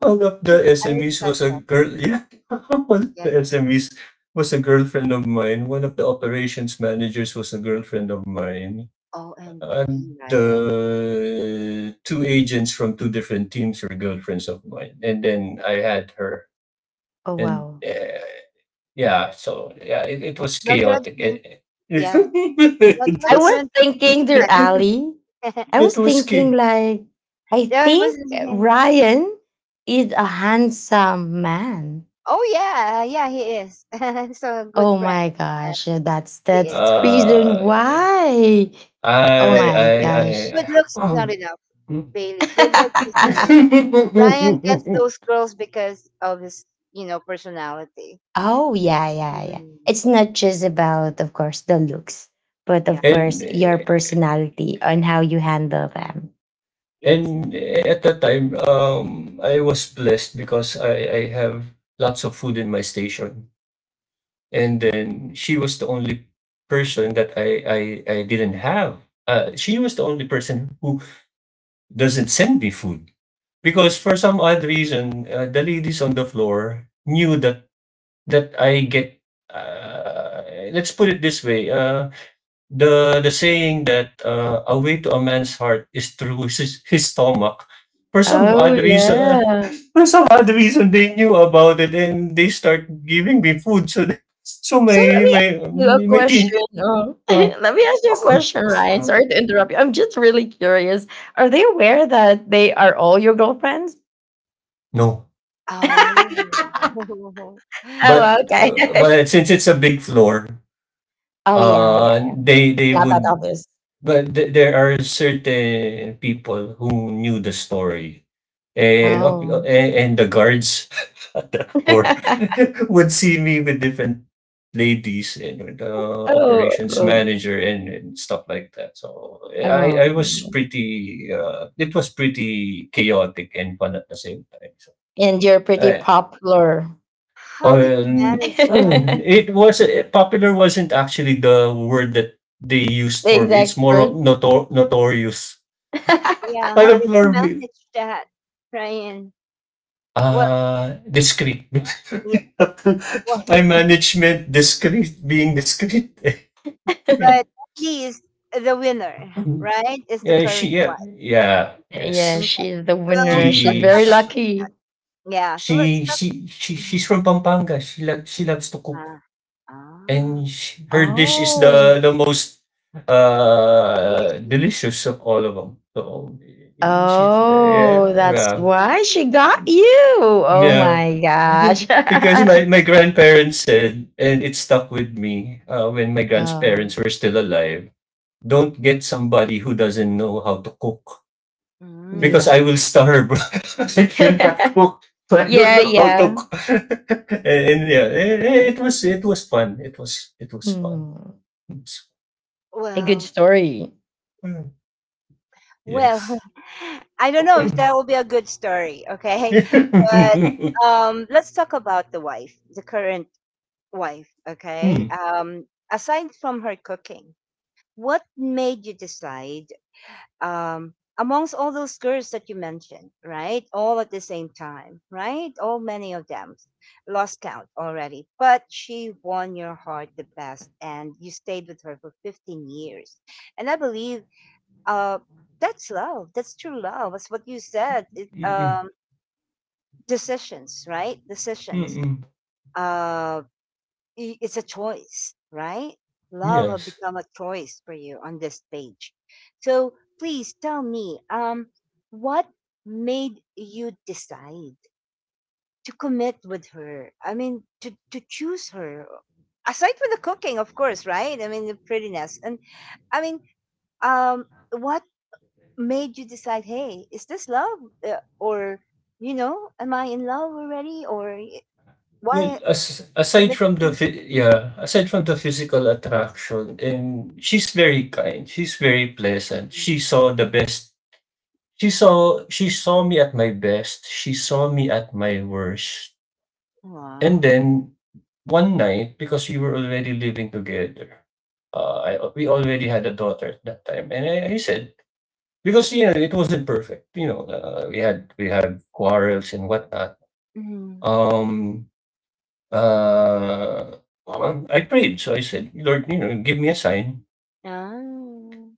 [SPEAKER 3] one of the
[SPEAKER 1] yes, I
[SPEAKER 3] SMEs
[SPEAKER 1] respect
[SPEAKER 3] was a
[SPEAKER 1] that.
[SPEAKER 3] girl. Yeah, [laughs] one of the SMEs was a girlfriend of mine. One of the operations managers was a girlfriend of mine, and
[SPEAKER 1] OMG, Ryan.
[SPEAKER 3] the two agents from two different teams were girlfriends of mine. And then I had her,
[SPEAKER 2] Oh
[SPEAKER 3] and
[SPEAKER 2] wow.
[SPEAKER 3] yeah, so yeah, it was
[SPEAKER 1] No
[SPEAKER 3] chaotic.
[SPEAKER 1] judgment.
[SPEAKER 3] It, [laughs]
[SPEAKER 1] Yes. No
[SPEAKER 3] it
[SPEAKER 2] I was
[SPEAKER 3] was.
[SPEAKER 1] judgment.
[SPEAKER 2] thinking they're
[SPEAKER 1] Respect.
[SPEAKER 2] alley.
[SPEAKER 1] [laughs]
[SPEAKER 2] I
[SPEAKER 3] It
[SPEAKER 2] was
[SPEAKER 3] was
[SPEAKER 2] thinking
[SPEAKER 3] ski.
[SPEAKER 2] like I
[SPEAKER 1] Yeah, it was.
[SPEAKER 2] think
[SPEAKER 1] [laughs]
[SPEAKER 2] Ryan is a handsome man.
[SPEAKER 1] Oh yeah, yeah, he is. [laughs] So a good
[SPEAKER 2] Oh
[SPEAKER 1] friend.
[SPEAKER 2] my
[SPEAKER 1] Uh,
[SPEAKER 2] gosh, yeah,
[SPEAKER 1] he
[SPEAKER 2] that's
[SPEAKER 1] is.
[SPEAKER 2] the reason
[SPEAKER 3] Uh,
[SPEAKER 2] why. Oh
[SPEAKER 1] But
[SPEAKER 3] I I
[SPEAKER 2] my
[SPEAKER 3] I
[SPEAKER 2] gosh.
[SPEAKER 1] good
[SPEAKER 3] I
[SPEAKER 1] looks is not enough, Bailey. Good looks is
[SPEAKER 2] [laughs]
[SPEAKER 1] not enough. Ryan gets those girls because of his personality.
[SPEAKER 2] Oh yeah, yeah, yeah.
[SPEAKER 1] Mm-mm.
[SPEAKER 2] It's not just about, of course, the looks, but
[SPEAKER 1] Yeah.
[SPEAKER 2] of
[SPEAKER 3] and
[SPEAKER 2] course your personality and how you handle them.
[SPEAKER 1] Yes.
[SPEAKER 3] and at that time, I was blessed because I have lots of food in my station, and then she was the only person that I didn't have. She was the only person who doesn't send me food because for some odd reason, the ladies on the floor knew that I get. Let's put it this way. The saying that a way to a man's heart is through [laughs] his stomach. For some odd
[SPEAKER 2] Oh,
[SPEAKER 3] reason, [laughs]
[SPEAKER 2] yeah.
[SPEAKER 3] for some odd reason, they knew about it and they start giving me food. So [laughs] so my
[SPEAKER 2] So let me
[SPEAKER 3] my
[SPEAKER 2] ask you a
[SPEAKER 3] my teen.
[SPEAKER 2] question. [laughs]
[SPEAKER 3] Uh,
[SPEAKER 2] Let me ask you a question, Ryan. Sorry to interrupt you. I'm just really curious. Are they aware that they are all your girlfriends?
[SPEAKER 3] no,
[SPEAKER 2] [laughs] Oh,
[SPEAKER 1] Oh. [laughs]
[SPEAKER 2] okay.
[SPEAKER 3] but
[SPEAKER 2] [laughs]
[SPEAKER 3] since it's a big floor,
[SPEAKER 2] Oh, yeah, yeah.
[SPEAKER 3] they
[SPEAKER 2] Not that
[SPEAKER 3] would.
[SPEAKER 2] obvious.
[SPEAKER 3] But there are certain people who knew the story and of-
[SPEAKER 2] Oh,
[SPEAKER 3] and, and the guards
[SPEAKER 2] [laughs]
[SPEAKER 3] or [laughs] would see me with different ladies and with the
[SPEAKER 2] oh,
[SPEAKER 3] operations
[SPEAKER 2] oh,
[SPEAKER 3] manager and stuff like that. So I was
[SPEAKER 2] oh.
[SPEAKER 3] pretty it was pretty chaotic and fun at the same time.
[SPEAKER 2] And you're pretty
[SPEAKER 3] Eh.
[SPEAKER 2] popular.
[SPEAKER 1] How did you
[SPEAKER 2] [laughs]
[SPEAKER 1] manage that?
[SPEAKER 2] The
[SPEAKER 3] It was popular wasn't actually the word that they used for me. It's
[SPEAKER 2] exact
[SPEAKER 3] more of
[SPEAKER 2] word.
[SPEAKER 3] notorious.
[SPEAKER 1] Yeah.
[SPEAKER 3] I
[SPEAKER 1] How
[SPEAKER 3] don't
[SPEAKER 1] did you
[SPEAKER 3] know.
[SPEAKER 1] manage that, Ryan? Well,
[SPEAKER 3] Discreet.
[SPEAKER 1] yeah, well,
[SPEAKER 3] [laughs] Being discreet. [laughs] Yeah.
[SPEAKER 1] but at least the winner,
[SPEAKER 3] Mhm.
[SPEAKER 1] right, is the
[SPEAKER 3] Yeah, she
[SPEAKER 1] current
[SPEAKER 3] yeah,
[SPEAKER 1] one.
[SPEAKER 3] yeah,
[SPEAKER 2] [laughs] Yeah,
[SPEAKER 1] Okay.
[SPEAKER 3] yes.
[SPEAKER 2] she's the
[SPEAKER 1] So
[SPEAKER 2] winner. She's
[SPEAKER 1] let's
[SPEAKER 3] She
[SPEAKER 1] talk
[SPEAKER 2] very
[SPEAKER 3] sh
[SPEAKER 1] about that.
[SPEAKER 2] lucky.
[SPEAKER 1] Yeah. So let's
[SPEAKER 3] she
[SPEAKER 1] talk.
[SPEAKER 3] she she she's from Pampanga. She loves to cook,
[SPEAKER 1] Ah, ah.
[SPEAKER 3] and she her dish is the
[SPEAKER 2] Oh.
[SPEAKER 3] the most,
[SPEAKER 1] See,
[SPEAKER 3] delicious of all of them. So, she's
[SPEAKER 2] Oh,
[SPEAKER 3] yeah,
[SPEAKER 2] that's
[SPEAKER 3] yeah,
[SPEAKER 1] she-
[SPEAKER 2] why she got you.
[SPEAKER 3] [laughs]
[SPEAKER 2] Oh
[SPEAKER 3] yeah.
[SPEAKER 2] my gosh.
[SPEAKER 3] And because my
[SPEAKER 2] [laughs]
[SPEAKER 3] my grandparents said, and it stuck with me, when my
[SPEAKER 2] Oh,
[SPEAKER 3] grandparents were still alive, "Don't get somebody who doesn't know how to cook, because
[SPEAKER 1] mm.
[SPEAKER 3] I
[SPEAKER 2] yeah.
[SPEAKER 3] will starve." [laughs]
[SPEAKER 2] [laughs]
[SPEAKER 3] So I don't
[SPEAKER 2] Yeah,
[SPEAKER 3] know how to.
[SPEAKER 2] yeah.
[SPEAKER 3] [laughs] And, yeah, it was fun. It was fun.
[SPEAKER 2] Hmm.
[SPEAKER 3] It was
[SPEAKER 2] A good
[SPEAKER 1] Well,
[SPEAKER 2] story.
[SPEAKER 3] fun.
[SPEAKER 1] well,
[SPEAKER 3] Yes.
[SPEAKER 1] [laughs] I don't know if that
[SPEAKER 3] Mm.
[SPEAKER 1] will be a good story. Okay, but
[SPEAKER 3] [laughs]
[SPEAKER 1] let's talk about the wife, the current wife. Okay.
[SPEAKER 3] Mm.
[SPEAKER 1] Aside from her cooking, what made you decide amongst all those girls that you mentioned, right? All at the same time, right? All many of them lost count already, but she won your heart the best, and you stayed with her for 15 years. And I believe uh, that's love. That's true love. That's what you said.
[SPEAKER 3] Mm. Mm.
[SPEAKER 1] Decisions, right? Decisions.
[SPEAKER 3] Mm.
[SPEAKER 1] Uh, it's a choice, right? Love will
[SPEAKER 3] Yes.
[SPEAKER 1] become a choice for you on this stage. So please tell me, what made you decide to commit with her? I mean, to choose her, aside from the cooking, of course, right? I mean, the prettiness. And I mean, what made you decide, hey, is this love? Or, am I in love already? Or
[SPEAKER 3] Well,
[SPEAKER 1] why
[SPEAKER 3] aside
[SPEAKER 1] commitment?
[SPEAKER 3] from the
[SPEAKER 1] Mhm,
[SPEAKER 3] yeah, aside from the physical attraction, and she's very kind. She's very pleasant.
[SPEAKER 1] mhm.
[SPEAKER 3] She saw the best. She saw me at my best. She saw me at my worst. And
[SPEAKER 1] Wow.
[SPEAKER 3] then one night, because we were already living together, I we already had a daughter at that time, and I said because, you know, it wasn't perfect, you know, we had quarrels and whatnot.
[SPEAKER 1] Mhm.
[SPEAKER 3] Um, uh, I prayed, so I said, "Lord, you know, give me a sign,
[SPEAKER 1] Ah,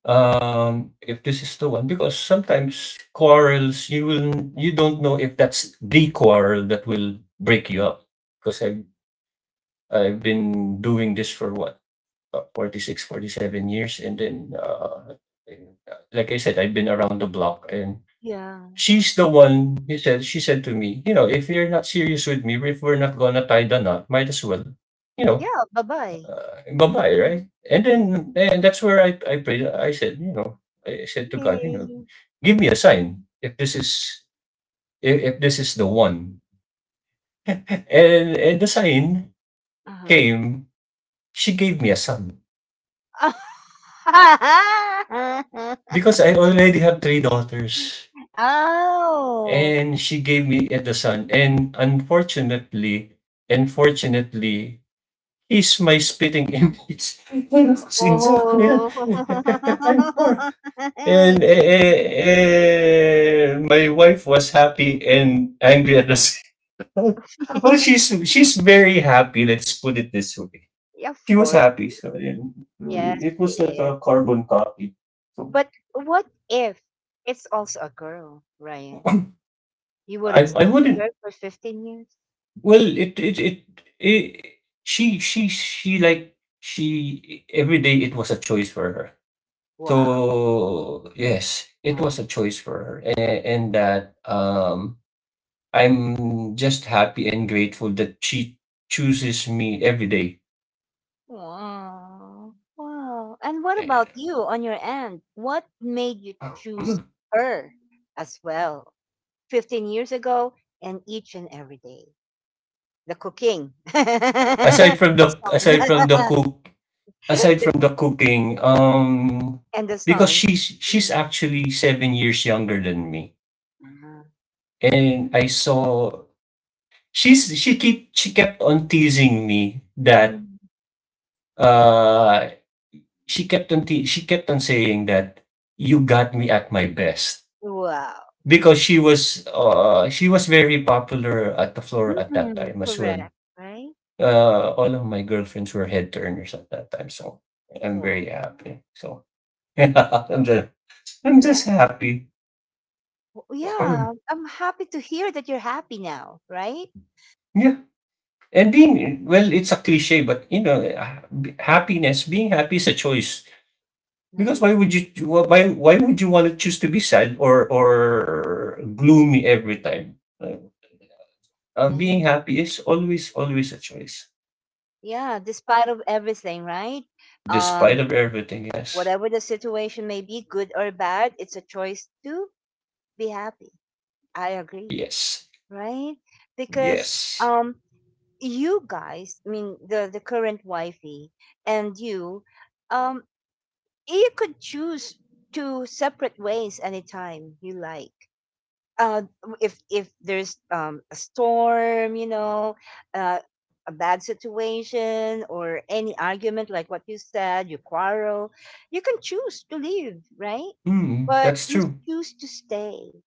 [SPEAKER 3] if this is the one." Because sometimes quarrels, you don't know if that's the quarrel that will break you up, 'cause I've been doing this for 47 years. And like I said, I've been around the block. And
[SPEAKER 1] yeah.
[SPEAKER 3] she's the one, she said to me, you know, if you're not serious with me, if we're not going to tie the knot, might as well, you know,
[SPEAKER 1] Yeah, bye-bye.
[SPEAKER 3] bye-bye, right? And
[SPEAKER 1] Yeah.
[SPEAKER 3] that's where I prayed. I said to God,
[SPEAKER 1] Yay.
[SPEAKER 3] give me a sign if this is the one. And the sign
[SPEAKER 1] Uh-huh.
[SPEAKER 3] came, she gave me a son
[SPEAKER 1] [laughs]
[SPEAKER 3] because I already have three daughters.
[SPEAKER 1] Oh.
[SPEAKER 3] And she gave me the son. And unfortunately, he's my spitting image. [laughs] Yes, exactly.
[SPEAKER 1] Oh.
[SPEAKER 3] [laughs]
[SPEAKER 1] [laughs]
[SPEAKER 3] I'm poor.
[SPEAKER 1] I
[SPEAKER 3] And
[SPEAKER 1] know.
[SPEAKER 3] my wife was happy and angry at the same time. [laughs] Well, she's
[SPEAKER 1] [laughs]
[SPEAKER 3] she's very happy. Let's put it this way.
[SPEAKER 1] Yeah,
[SPEAKER 3] She
[SPEAKER 1] of
[SPEAKER 3] was
[SPEAKER 1] course.
[SPEAKER 3] happy, so yeah,
[SPEAKER 1] Yes,
[SPEAKER 3] it
[SPEAKER 1] she
[SPEAKER 3] was like
[SPEAKER 1] is.
[SPEAKER 3] a carbon copy. So
[SPEAKER 1] But what if it's also a girl, Ryan? You wouldn't
[SPEAKER 3] I
[SPEAKER 1] sleep with
[SPEAKER 3] wouldn't
[SPEAKER 1] her for 15 years?
[SPEAKER 3] well, it she every day it was a choice for her.
[SPEAKER 1] Wow.
[SPEAKER 3] So yes, it was a choice for her, and that I'm just happy and grateful that she chooses me every day.
[SPEAKER 1] Wow. Wow. And what about you on your end? What made you choose her as well? 15 years ago and each and every day. The cooking, [laughs] the
[SPEAKER 3] Aside from the
[SPEAKER 1] sun, [laughs] the,
[SPEAKER 3] cooking,
[SPEAKER 1] and the
[SPEAKER 3] because
[SPEAKER 1] sun.
[SPEAKER 3] she's
[SPEAKER 1] Mhm.
[SPEAKER 3] actually 7 years younger than me,
[SPEAKER 1] Uh-huh.
[SPEAKER 3] and I saw she's she keep she kept on teasing me that
[SPEAKER 1] Mhm.
[SPEAKER 3] uh she kept on saying that you got me at my best
[SPEAKER 1] Wow.
[SPEAKER 3] because she was very popular at the floor at that
[SPEAKER 1] Mm-mm.
[SPEAKER 3] time as well.
[SPEAKER 1] Correct, right?
[SPEAKER 3] All of my girlfriends were head turners at that time, so I'm
[SPEAKER 1] Wow.
[SPEAKER 3] very happy. So [laughs] I'm just I'm
[SPEAKER 1] Yeah.
[SPEAKER 3] just happy. [clears throat]
[SPEAKER 1] Yeah.
[SPEAKER 3] Mm,
[SPEAKER 1] I'm happy to hear that you're happy now, right?
[SPEAKER 3] yeah. And being well, it's a cliche, but happiness. Being happy is a choice. Because
[SPEAKER 1] Nice.
[SPEAKER 3] why would you want to choose to be sad or gloomy every time? Like, being
[SPEAKER 1] Nice.
[SPEAKER 3] happy is always a choice,
[SPEAKER 1] Yeah, despite of everything, right?
[SPEAKER 3] despite
[SPEAKER 1] Um,
[SPEAKER 3] of everything. Yes,
[SPEAKER 1] Whatever the situation may be, good or bad, it's a choice to be happy. I agree,
[SPEAKER 3] yes,
[SPEAKER 1] right? Because
[SPEAKER 3] yes.
[SPEAKER 1] um, you guys, I mean the current wifey and you, um, you could choose to separate ways anytime you like uh, if there's a storm, uh, a bad situation or any argument, like what you said, you quarrel, you can choose to leave, right?
[SPEAKER 3] Hmm,
[SPEAKER 1] But
[SPEAKER 3] that's
[SPEAKER 1] you
[SPEAKER 3] true.
[SPEAKER 1] choose to stay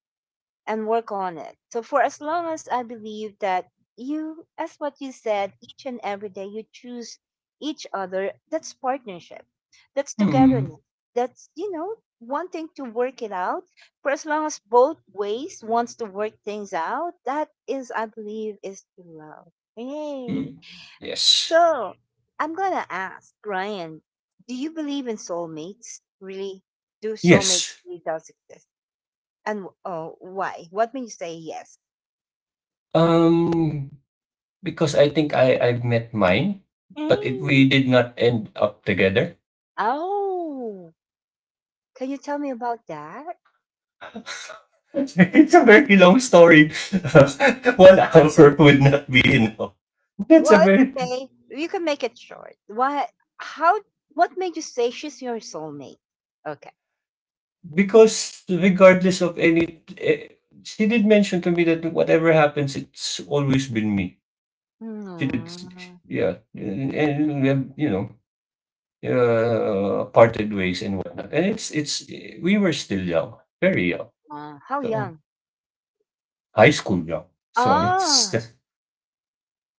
[SPEAKER 1] and work on it. So for as long as I believe that you, as what you said, each and every day you choose each other, that's partnership. That's
[SPEAKER 3] Hmm,
[SPEAKER 1] togetherness. That's wanting to work it out. For as long as both ways wants to work things out, that is, I believe, is true love. Yay.
[SPEAKER 3] hmm. Yes,
[SPEAKER 1] So I'm gonna ask Ryan, do you believe in soulmates? Really? Do soulmates
[SPEAKER 3] yes.
[SPEAKER 1] really does exist? And oh, why? What made you say yes?
[SPEAKER 3] Um, because I think I've met mine, but
[SPEAKER 1] Mm.
[SPEAKER 3] we did not end up together.
[SPEAKER 1] Oh, can you tell me about that?
[SPEAKER 3] [laughs] It's a very long story. [laughs] One hour would not be enough. That's a
[SPEAKER 1] Well, it's
[SPEAKER 3] very
[SPEAKER 1] okay. You can make it short. What? How? What made you say she's your soulmate? Okay.
[SPEAKER 3] because regardless of any, she did mention to me that whatever happens, it's always been me. It's
[SPEAKER 1] Mm,
[SPEAKER 3] Yeah, and, we have, parted ways and whatnot. And we were still young, very young,
[SPEAKER 1] how
[SPEAKER 3] so
[SPEAKER 1] young?
[SPEAKER 3] high school young. So
[SPEAKER 1] Oh,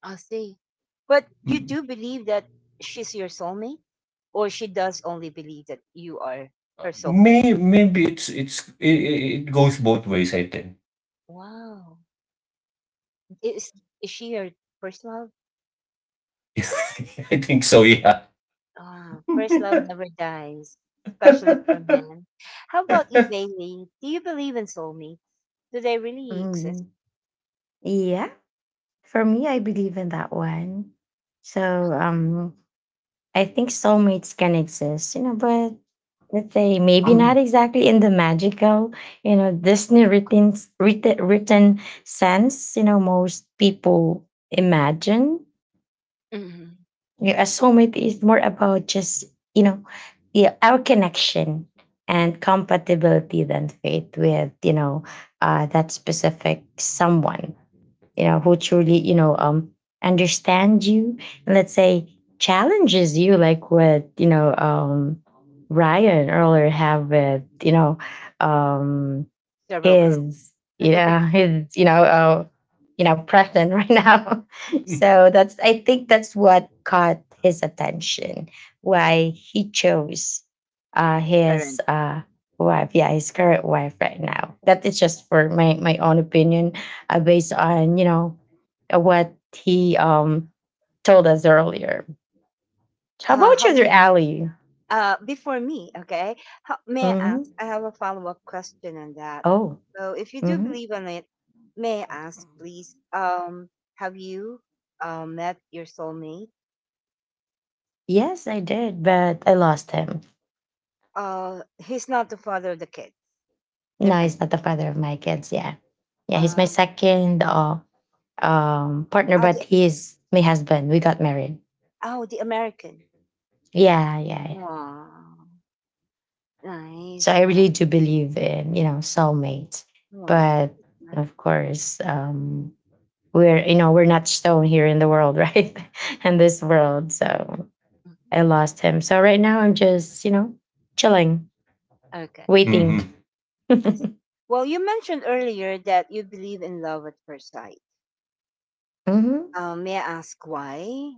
[SPEAKER 1] I see. But you do believe that she's your soulmate, or she does only believe that you are her
[SPEAKER 3] [laughs]
[SPEAKER 1] soulmate?
[SPEAKER 3] maybe it goes both ways. I think.
[SPEAKER 1] Wow. Is is she your personal?
[SPEAKER 3] [laughs] [laughs] I think so. Yeah.
[SPEAKER 1] Ah, first love never dies, especially for men. How about you, Bailey? Do you believe in soulmates? Do they really exist?
[SPEAKER 2] Mm, yeah. For me, I believe in that one. So, I think soulmates can exist, you know, but let's say maybe not exactly in the magical, you know, Disney written sense, you know, most people imagine.
[SPEAKER 1] Mhm.
[SPEAKER 2] Yeah, a soulmate is more about just, you know, yeah, our connection and compatibility than faith with, you know, that specific someone, you know, who truly, you know, understands you and, let's say, challenges you, like what, you know, Ryan earlier have with, you know, um,
[SPEAKER 1] Several girls.
[SPEAKER 2] is you know
[SPEAKER 1] [laughs]
[SPEAKER 2] his you know president [laughs] right now. So that's, I think, that's what caught his attention, why he chose
[SPEAKER 1] Current.
[SPEAKER 2] his wife. Yeah, his current wife right now. That is just for my my own opinion, based on you know what he told us earlier. How
[SPEAKER 1] Uh,
[SPEAKER 2] about
[SPEAKER 1] how
[SPEAKER 2] you,
[SPEAKER 1] do you,
[SPEAKER 2] Ali?
[SPEAKER 1] before me, okay? How, may I ask?
[SPEAKER 2] Mm-hmm.
[SPEAKER 1] I have a follow up question on that.
[SPEAKER 2] Oh.
[SPEAKER 1] So, if you do
[SPEAKER 2] mm-hmm.
[SPEAKER 1] believe in it, may I ask, please? Have you met your soulmate?
[SPEAKER 2] Yes, I did, but I lost him.
[SPEAKER 1] He's not the father of the kid.
[SPEAKER 2] No,
[SPEAKER 1] Different.
[SPEAKER 2] he's not the father of my kids. Yeah, yeah, he's my
[SPEAKER 1] Uh,
[SPEAKER 2] second partner,
[SPEAKER 1] ah,
[SPEAKER 2] but
[SPEAKER 1] the,
[SPEAKER 2] he is my husband. We got married.
[SPEAKER 1] oh, the American.
[SPEAKER 2] Yeah, yeah, yeah.
[SPEAKER 1] Wow.
[SPEAKER 2] So
[SPEAKER 1] Nice,
[SPEAKER 2] I
[SPEAKER 1] nice.
[SPEAKER 2] really do believe in you know soulmates,
[SPEAKER 1] Wow,
[SPEAKER 2] but
[SPEAKER 1] that's nice.
[SPEAKER 2] of course we're you know we're not stone here in the world, [laughs] right? In this world, so
[SPEAKER 1] Mhm.
[SPEAKER 2] I lost him. So right now I'm just you know chilling,
[SPEAKER 1] Okay,
[SPEAKER 2] waiting.
[SPEAKER 3] Hmm.
[SPEAKER 2] [laughs]
[SPEAKER 1] I see. Well, you mentioned earlier that you believe in love at first sight.
[SPEAKER 2] Hmm.
[SPEAKER 1] May I ask why?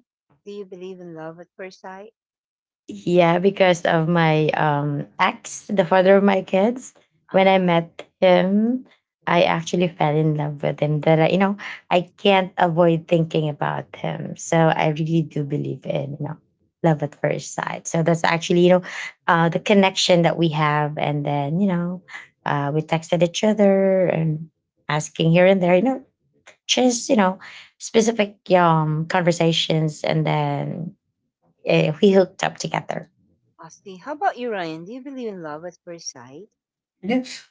[SPEAKER 1] Do you believe in love at first sight?
[SPEAKER 2] Yeah, because of my ex, the father of my kids.
[SPEAKER 1] Uh
[SPEAKER 2] When I
[SPEAKER 1] huh.
[SPEAKER 2] met him, I actually fell in love with him. That I, you know, I can't avoid thinking about him. So I really
[SPEAKER 1] Mhm.
[SPEAKER 2] do believe in love at first sight. So that's actually the connection that we have, and then we texted each other and asking here and there, you know, just you know specific conversations, and then we hooked up together.
[SPEAKER 1] I see. How about you, Ryan? Do you believe in love at first sight?
[SPEAKER 3] Yes.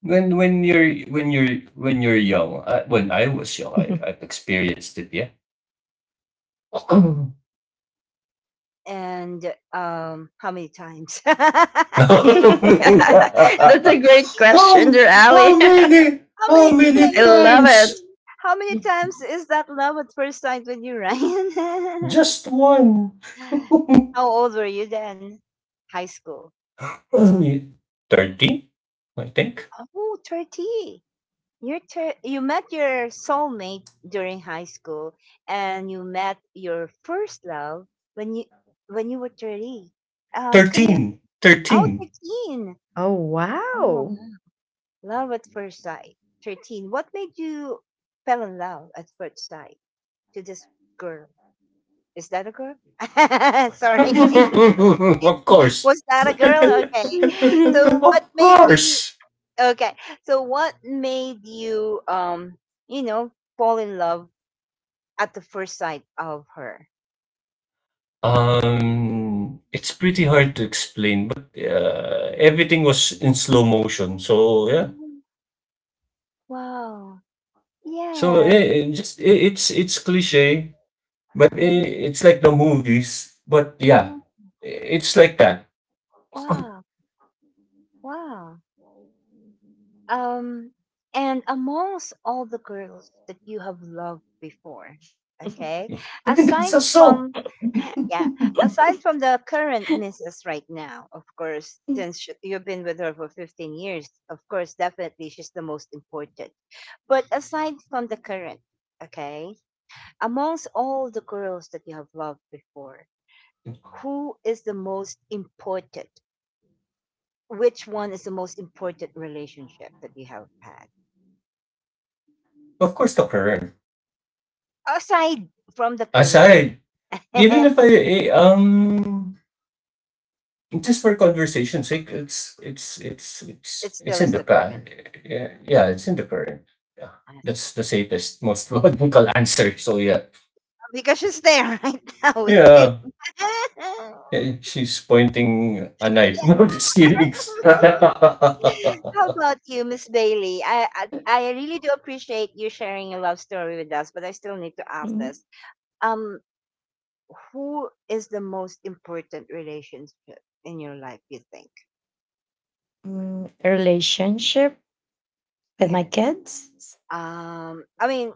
[SPEAKER 3] When I was young,
[SPEAKER 2] [laughs]
[SPEAKER 3] I've experienced it. Yeah.
[SPEAKER 1] Um,
[SPEAKER 3] [laughs]
[SPEAKER 1] and how many times? [laughs]
[SPEAKER 2] [laughs]
[SPEAKER 3] how
[SPEAKER 2] That's a great
[SPEAKER 1] How
[SPEAKER 2] question, dear Ali.
[SPEAKER 3] how
[SPEAKER 2] [laughs]
[SPEAKER 3] many
[SPEAKER 1] many
[SPEAKER 3] how many
[SPEAKER 2] I
[SPEAKER 1] times? [laughs]
[SPEAKER 2] love it.
[SPEAKER 3] times?
[SPEAKER 1] How many times is that love at first sight with you, Ryan? [laughs]
[SPEAKER 3] Just one.
[SPEAKER 1] [sighs] How old were you then? High school.
[SPEAKER 3] 13, I think.
[SPEAKER 1] Oh, 30. You met your soulmate during high school and you met your first love when you when you were 30. Can you
[SPEAKER 3] 13.
[SPEAKER 1] oh
[SPEAKER 3] 13.
[SPEAKER 1] 13.
[SPEAKER 2] Oh,
[SPEAKER 1] Oh,
[SPEAKER 2] wow.
[SPEAKER 1] love at first sight. 13. What made you fell in love at first sight to this girl? Is that a girl? [laughs] Sorry.
[SPEAKER 2] [laughs]
[SPEAKER 3] [laughs] Of
[SPEAKER 1] [laughs]
[SPEAKER 3] course.
[SPEAKER 1] Was that a girl? Okay. So what
[SPEAKER 3] Of
[SPEAKER 1] made you?
[SPEAKER 3] course.
[SPEAKER 1] Okay. So what made you you know, fall in love at the first sight of her?
[SPEAKER 3] It's pretty hard to explain, but everything was in slow motion. So yeah.
[SPEAKER 1] Mm. Wow.
[SPEAKER 3] So
[SPEAKER 1] Yes.
[SPEAKER 3] it's cliche, but
[SPEAKER 1] Uh-huh.
[SPEAKER 3] it's like the movies. But yeah,
[SPEAKER 1] Mhm.
[SPEAKER 3] it's like that.
[SPEAKER 1] Wow. Wow. Um, and amongst all the girls that you have loved before, okay,
[SPEAKER 3] It's
[SPEAKER 1] aside
[SPEAKER 3] a soap,
[SPEAKER 1] from, [laughs] yeah, aside from the current missus right now, of course, since you've been with her for 15 years, of course, definitely she's the most important. But aside from the current, okay, amongst all the girls that you have loved before, who is the most important? Which one is the most important relationship that you have had?
[SPEAKER 3] of course. The current
[SPEAKER 1] Aside from the current,
[SPEAKER 3] aside, even
[SPEAKER 1] [laughs]
[SPEAKER 3] if I just for conversation's sake, it's it's it's it's
[SPEAKER 1] it
[SPEAKER 3] it's
[SPEAKER 1] still
[SPEAKER 3] in
[SPEAKER 1] is
[SPEAKER 3] the
[SPEAKER 1] the
[SPEAKER 3] past.
[SPEAKER 1] current.
[SPEAKER 3] Yeah, yeah, it's in the current. Yeah,
[SPEAKER 1] [laughs] Honestly.
[SPEAKER 3] that's the safest, most [laughs] logical answer. So yeah,
[SPEAKER 1] Because she's there [laughs] right now with you.
[SPEAKER 3] yeah.
[SPEAKER 1] [laughs] Yeah.
[SPEAKER 3] She's pointing a knife. [laughs] No, just kidding. [laughs]
[SPEAKER 1] How about you, Miss Bailey? I really do appreciate you sharing your love story with us, but I still need to ask
[SPEAKER 2] Mm,
[SPEAKER 1] this. Um, who is the most important relationship in your life? You think?
[SPEAKER 2] Relationship with
[SPEAKER 1] Yeah.
[SPEAKER 2] my kids?
[SPEAKER 1] I mean,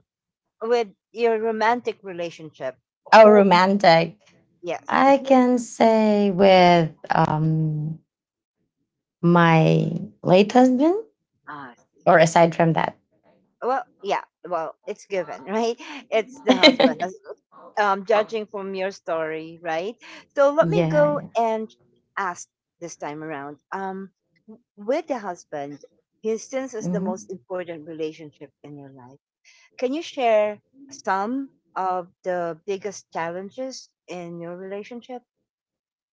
[SPEAKER 1] with your romantic relationship,
[SPEAKER 2] Oh,
[SPEAKER 1] who?
[SPEAKER 2] romantic.
[SPEAKER 1] Yes.
[SPEAKER 2] I
[SPEAKER 1] Who?
[SPEAKER 2] can say with my late husband,
[SPEAKER 1] Ah, I see.
[SPEAKER 2] or aside from that.
[SPEAKER 1] Well, yeah, well, it's given, right? [laughs] It's the
[SPEAKER 2] [laughs] yeah.
[SPEAKER 1] husband, judging from your story, right? So let me go
[SPEAKER 2] yeah.
[SPEAKER 1] and ask, this time around, with the husband, his since is the
[SPEAKER 2] Mhm.
[SPEAKER 1] most important relationship in your life. Can you share some of the biggest challenges in your relationship?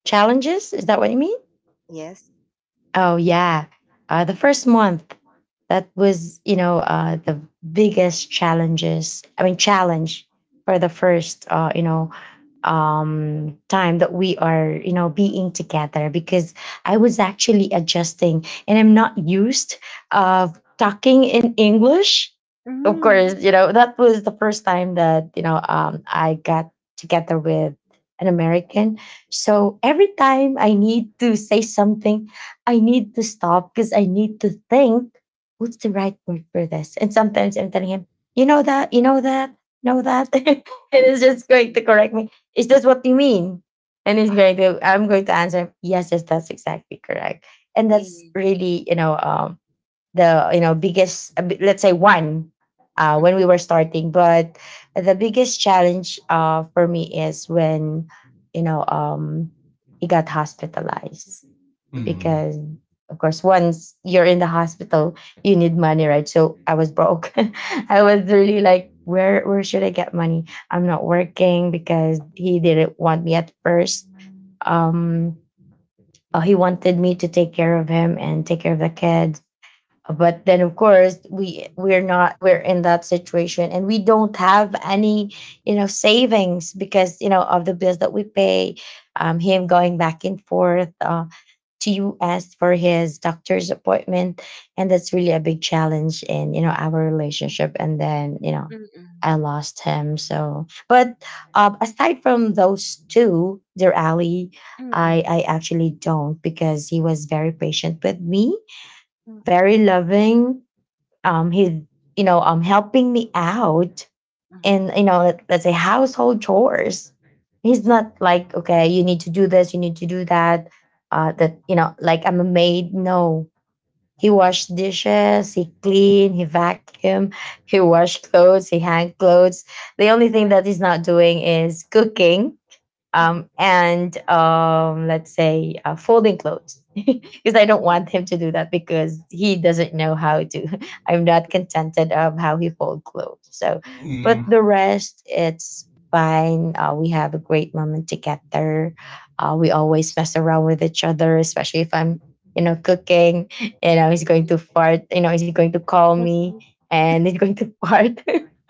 [SPEAKER 2] Challenges? Is that what you mean?
[SPEAKER 1] Yes.
[SPEAKER 2] Oh yeah, the first month that was the biggest challenges. I mean challenge for the first time that we are being together because I was actually adjusting and I'm not used of talking in English. Of
[SPEAKER 1] Mm-hmm.
[SPEAKER 2] course, you know that was the first time that I got together with an American. So every time I need to say something I need to stop because I need to think what's the right word for this. And sometimes I'm telling him, you know that, know that. [laughs] And it's
[SPEAKER 1] I
[SPEAKER 2] just going to
[SPEAKER 1] see.
[SPEAKER 2] correct me. Is this what you mean? And he's
[SPEAKER 1] I
[SPEAKER 2] going to, I'm going to answer, him, yes, yes, that's exactly correct. And that's
[SPEAKER 1] see.
[SPEAKER 2] really, the, biggest, a bi- let's say one, when we
[SPEAKER 1] Mm-hmm.
[SPEAKER 2] were starting. But the biggest challenge for me is when, you know, um, he got hospitalized
[SPEAKER 1] Mm-hmm.
[SPEAKER 2] because
[SPEAKER 3] Hmm.
[SPEAKER 2] of course once you're in the hospital you need money, right? So I was broke. [laughs] I was really like, where should I get money? I'm not working because he didn't want me at first. um he wanted me to take care of him and take care of the kids, but then of course we we're not we're in that situation and we don't have any savings because you know of the bills that we pay, him going back and forth to US for his doctor's appointment. And that's really a big challenge in, you know, our relationship. And then, you know,
[SPEAKER 1] Mm-hmm.
[SPEAKER 2] I lost him. So, but aside from those two, dear Ali, I actually don't, because he was very patient with me, very
[SPEAKER 1] Mm-hmm.
[SPEAKER 2] loving. He, you know, helping me out and let's say household chores, he's not like, okay, you need to do this, you need to do that, like I'm a maid. No, he washed dishes, he cleaned, he vacuumed, he washed clothes, he hang clothes. The only thing
[SPEAKER 1] Mm-hmm.
[SPEAKER 2] that he's not doing is cooking
[SPEAKER 1] Mhm.
[SPEAKER 2] and let's say folding clothes [laughs] because I don't
[SPEAKER 1] Yeah.
[SPEAKER 2] want him to do that because he doesn't know how to. [laughs] I'm not contented of how he fold clothes. So, but
[SPEAKER 1] Wow.
[SPEAKER 3] Mm.
[SPEAKER 2] the rest, it's fine. We have a great moment together. We always mess around with each other, especially if I'm, you know, cooking. [laughs] You know, he's going to
[SPEAKER 1] Mhm.
[SPEAKER 2] fart. You know, he's going to call me, and he's going to fart. [laughs]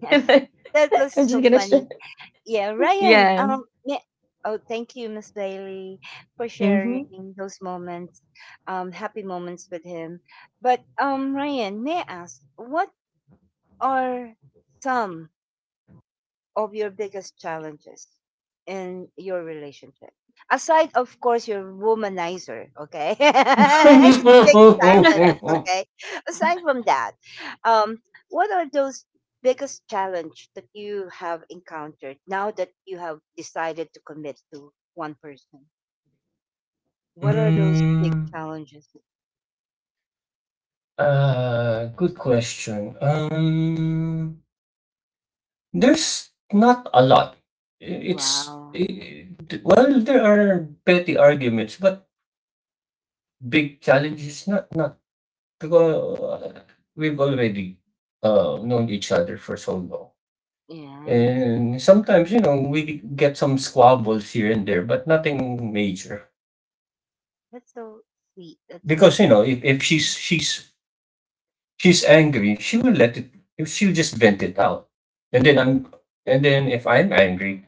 [SPEAKER 1] Yeah.
[SPEAKER 2] And I-
[SPEAKER 1] [laughs] That was
[SPEAKER 2] I'm
[SPEAKER 1] so
[SPEAKER 2] just gonna
[SPEAKER 1] funny.
[SPEAKER 2] share.
[SPEAKER 1] Yeah, Ryan,
[SPEAKER 2] Yeah.
[SPEAKER 1] yeah. Oh, thank you, Miss Bailey, for sharing those moments, happy moments with him. But Ryan, may I ask, what are some of your biggest challenges in your relationship? Aside, of course, your womanizer, okay? [laughs] It's a big challenge,
[SPEAKER 2] Mm-hmm.
[SPEAKER 1] okay? Aside from that, um, what are those biggest challenge that you have encountered now that you have decided to commit to one person? What are those
[SPEAKER 3] Mm,
[SPEAKER 1] big challenges?
[SPEAKER 3] Good question. There's not a lot.
[SPEAKER 1] Wow. Mhm.
[SPEAKER 3] Well, there are petty arguments, but big challenges, not because we've already known each other for so long,
[SPEAKER 1] Nice.
[SPEAKER 3] and sometimes you know we get some squabbles here and there, but nothing major.
[SPEAKER 1] That's so sweet. That's
[SPEAKER 3] Because
[SPEAKER 1] so
[SPEAKER 3] you know, if she's angry, she will let it. She'll just vent it out, and then
[SPEAKER 1] nice.
[SPEAKER 3] I'm, and then if I'm angry,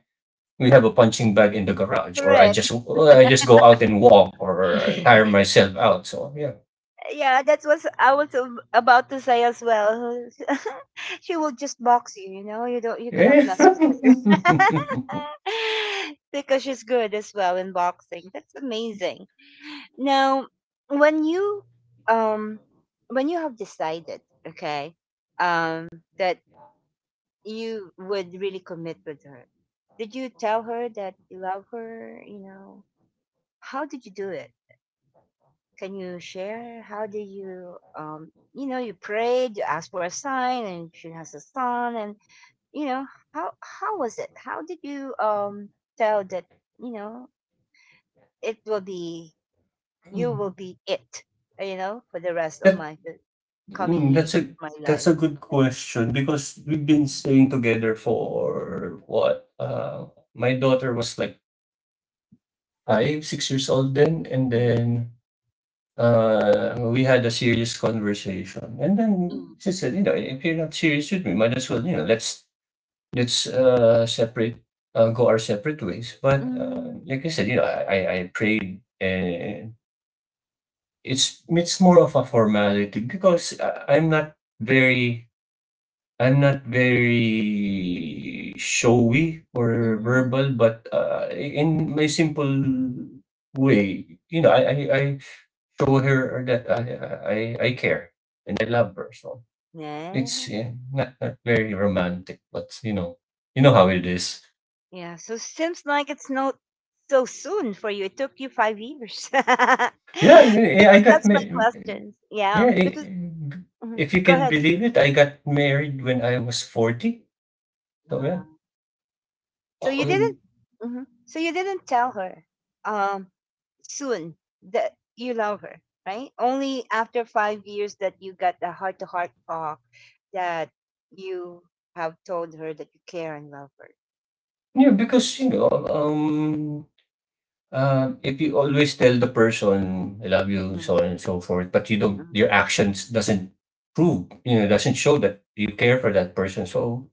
[SPEAKER 3] we have a punching bag in the garage,
[SPEAKER 1] Correct.
[SPEAKER 3] or I just go out and walk, or
[SPEAKER 1] [laughs]
[SPEAKER 3] tire
[SPEAKER 2] [laughs]
[SPEAKER 3] myself out. So yeah,
[SPEAKER 1] Yeah, that's what I was about to say as well. [laughs] She will just box you, you know. You cannot
[SPEAKER 3] yeah.
[SPEAKER 1] mess with
[SPEAKER 3] [laughs]
[SPEAKER 1] her, [laughs] because she's good as well in boxing. That's amazing. Now, when you, um, have decided, okay, that you would really commit with her, did you tell her that you love her? You know, how did you do it? Can you share how do you, you know you prayed, you asked for a sign and she has a son, and you know how was it? How did you tell that, you know it will be you will be it, for the rest of
[SPEAKER 3] that
[SPEAKER 1] my the coming
[SPEAKER 3] mm, that's
[SPEAKER 1] years
[SPEAKER 3] a
[SPEAKER 1] of my
[SPEAKER 3] that's
[SPEAKER 1] life.
[SPEAKER 3] a good question because we've been staying together for what? My daughter was like 5, 6 years old then, and
[SPEAKER 1] Mm-hmm.
[SPEAKER 3] then we had a serious conversation, and then she
[SPEAKER 1] Mm-hmm.
[SPEAKER 3] said, "You know, if you're not serious with me, might as well, you know, let's separate, go our separate ways." But like I said, you know, I prayed, and it's more of a formality because very I'm not very showy or
[SPEAKER 1] Mm-hmm.
[SPEAKER 3] verbal, but, in my simple way, you know, I show her that I I care and I love her, so it's,
[SPEAKER 1] Yeah.
[SPEAKER 3] not very romantic, but, you know how it is.
[SPEAKER 1] Yeah. So seems like it's not so soon for you. It took you 5 years. [laughs] Because
[SPEAKER 3] Yeah, yeah, I got
[SPEAKER 1] that's
[SPEAKER 3] ma
[SPEAKER 1] my question. Yeah.
[SPEAKER 3] yeah,
[SPEAKER 1] Because.
[SPEAKER 3] I
[SPEAKER 1] Mhm.
[SPEAKER 3] if you
[SPEAKER 1] Go
[SPEAKER 3] can
[SPEAKER 1] ahead.
[SPEAKER 3] believe it, I got married when I was 40, so yeah.
[SPEAKER 1] Wow. So
[SPEAKER 3] [clears throat]
[SPEAKER 1] you didn't.
[SPEAKER 3] um,
[SPEAKER 1] Mhm. So you didn't tell her, um, soon, that you love her, right? Only after 5 years that you got the heart-to-heart talk, that you have told her that you care and love her.
[SPEAKER 3] Yeah, because, you know, if you always tell the person I love you,
[SPEAKER 1] Mm-hmm.
[SPEAKER 3] so on and so forth, but you don't, your actions doesn't prove, doesn't show that you care for that person. So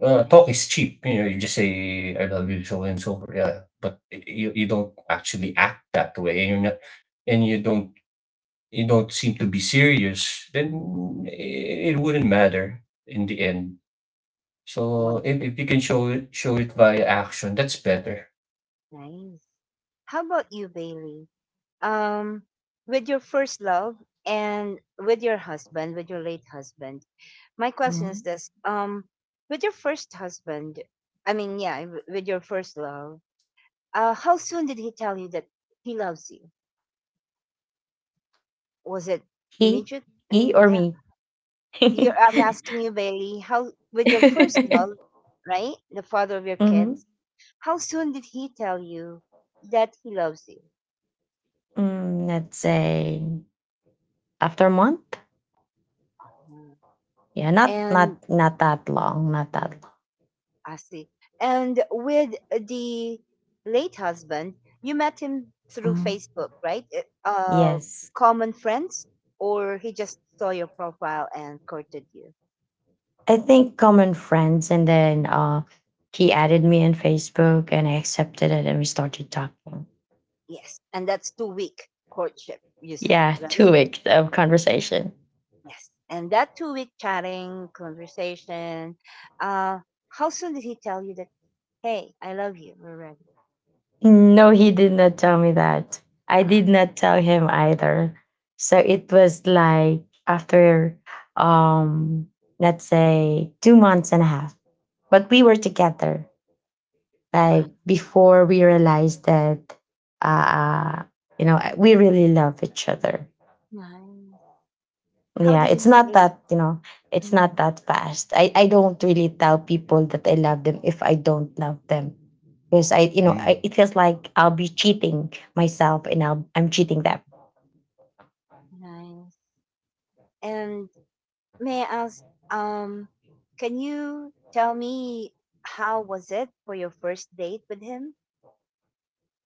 [SPEAKER 3] talk
[SPEAKER 1] Nice.
[SPEAKER 3] is cheap. You know, you just say I love you, so on and so forth. Yeah, but you don't actually act that way, and you're not, and you don't seem to be serious.
[SPEAKER 1] Mm.
[SPEAKER 3] Then it wouldn't matter in the end. So
[SPEAKER 1] Wonderful.
[SPEAKER 3] if you can show it via action, that's better.
[SPEAKER 1] Nice. How about you, Bailey? Um, with your first love and with your husband, with your late husband, my question is
[SPEAKER 2] Mhm.
[SPEAKER 1] this: with your first husband, I mean, yeah, with your first love, how soon did he tell you that he loves you? Was it
[SPEAKER 2] He?
[SPEAKER 1] immediate?
[SPEAKER 2] He
[SPEAKER 1] Mm,
[SPEAKER 2] or
[SPEAKER 1] yeah,
[SPEAKER 2] me?
[SPEAKER 1] you I'm asking
[SPEAKER 2] [laughs]
[SPEAKER 1] you, Bailey. How with your first love, right? The father of your
[SPEAKER 2] hmm
[SPEAKER 1] kids. How soon did he tell you that he loves you?
[SPEAKER 2] Mm, let's say after a month.
[SPEAKER 1] Mm.
[SPEAKER 2] Yeah,
[SPEAKER 1] And
[SPEAKER 2] not that long, not that long.
[SPEAKER 1] I see. And with the late husband, you met him through
[SPEAKER 2] Mhm.
[SPEAKER 1] Facebook, right? Uh, uh,
[SPEAKER 2] Yes,
[SPEAKER 1] common friends, or he just saw your profile and courted you?
[SPEAKER 2] I think common friends, and then he added me on Facebook, and I accepted it, and we started talking.
[SPEAKER 1] Yes. And that's 2-week courtship, you said,
[SPEAKER 2] Yeah, [laughs] two
[SPEAKER 1] right?
[SPEAKER 2] weeks of conversation.
[SPEAKER 1] Yes. And that 2-week chatting, conversation, uh, how soon did he tell you that, hey, I love you, we're ready?
[SPEAKER 2] No, he did not tell me that. I
[SPEAKER 1] Ah,
[SPEAKER 2] did not tell him either. So it was like after um let's say two months and a half. But we were together.
[SPEAKER 1] wow,
[SPEAKER 2] Like before we realized that uh you know we really love each other.
[SPEAKER 1] nice. How
[SPEAKER 2] Yeah,
[SPEAKER 1] did
[SPEAKER 2] it's
[SPEAKER 1] he say
[SPEAKER 2] not
[SPEAKER 1] it?
[SPEAKER 2] that, you know, it's
[SPEAKER 1] Mm.
[SPEAKER 2] not that fast. I don't really tell people that I love them if I don't love them. Because I,
[SPEAKER 1] um,
[SPEAKER 2] you know, I, it feels like I'll be cheating myself and I'll, I'm cheating them.
[SPEAKER 1] Nice. And, may I ask, um, can you tell me how was it for your first date with him?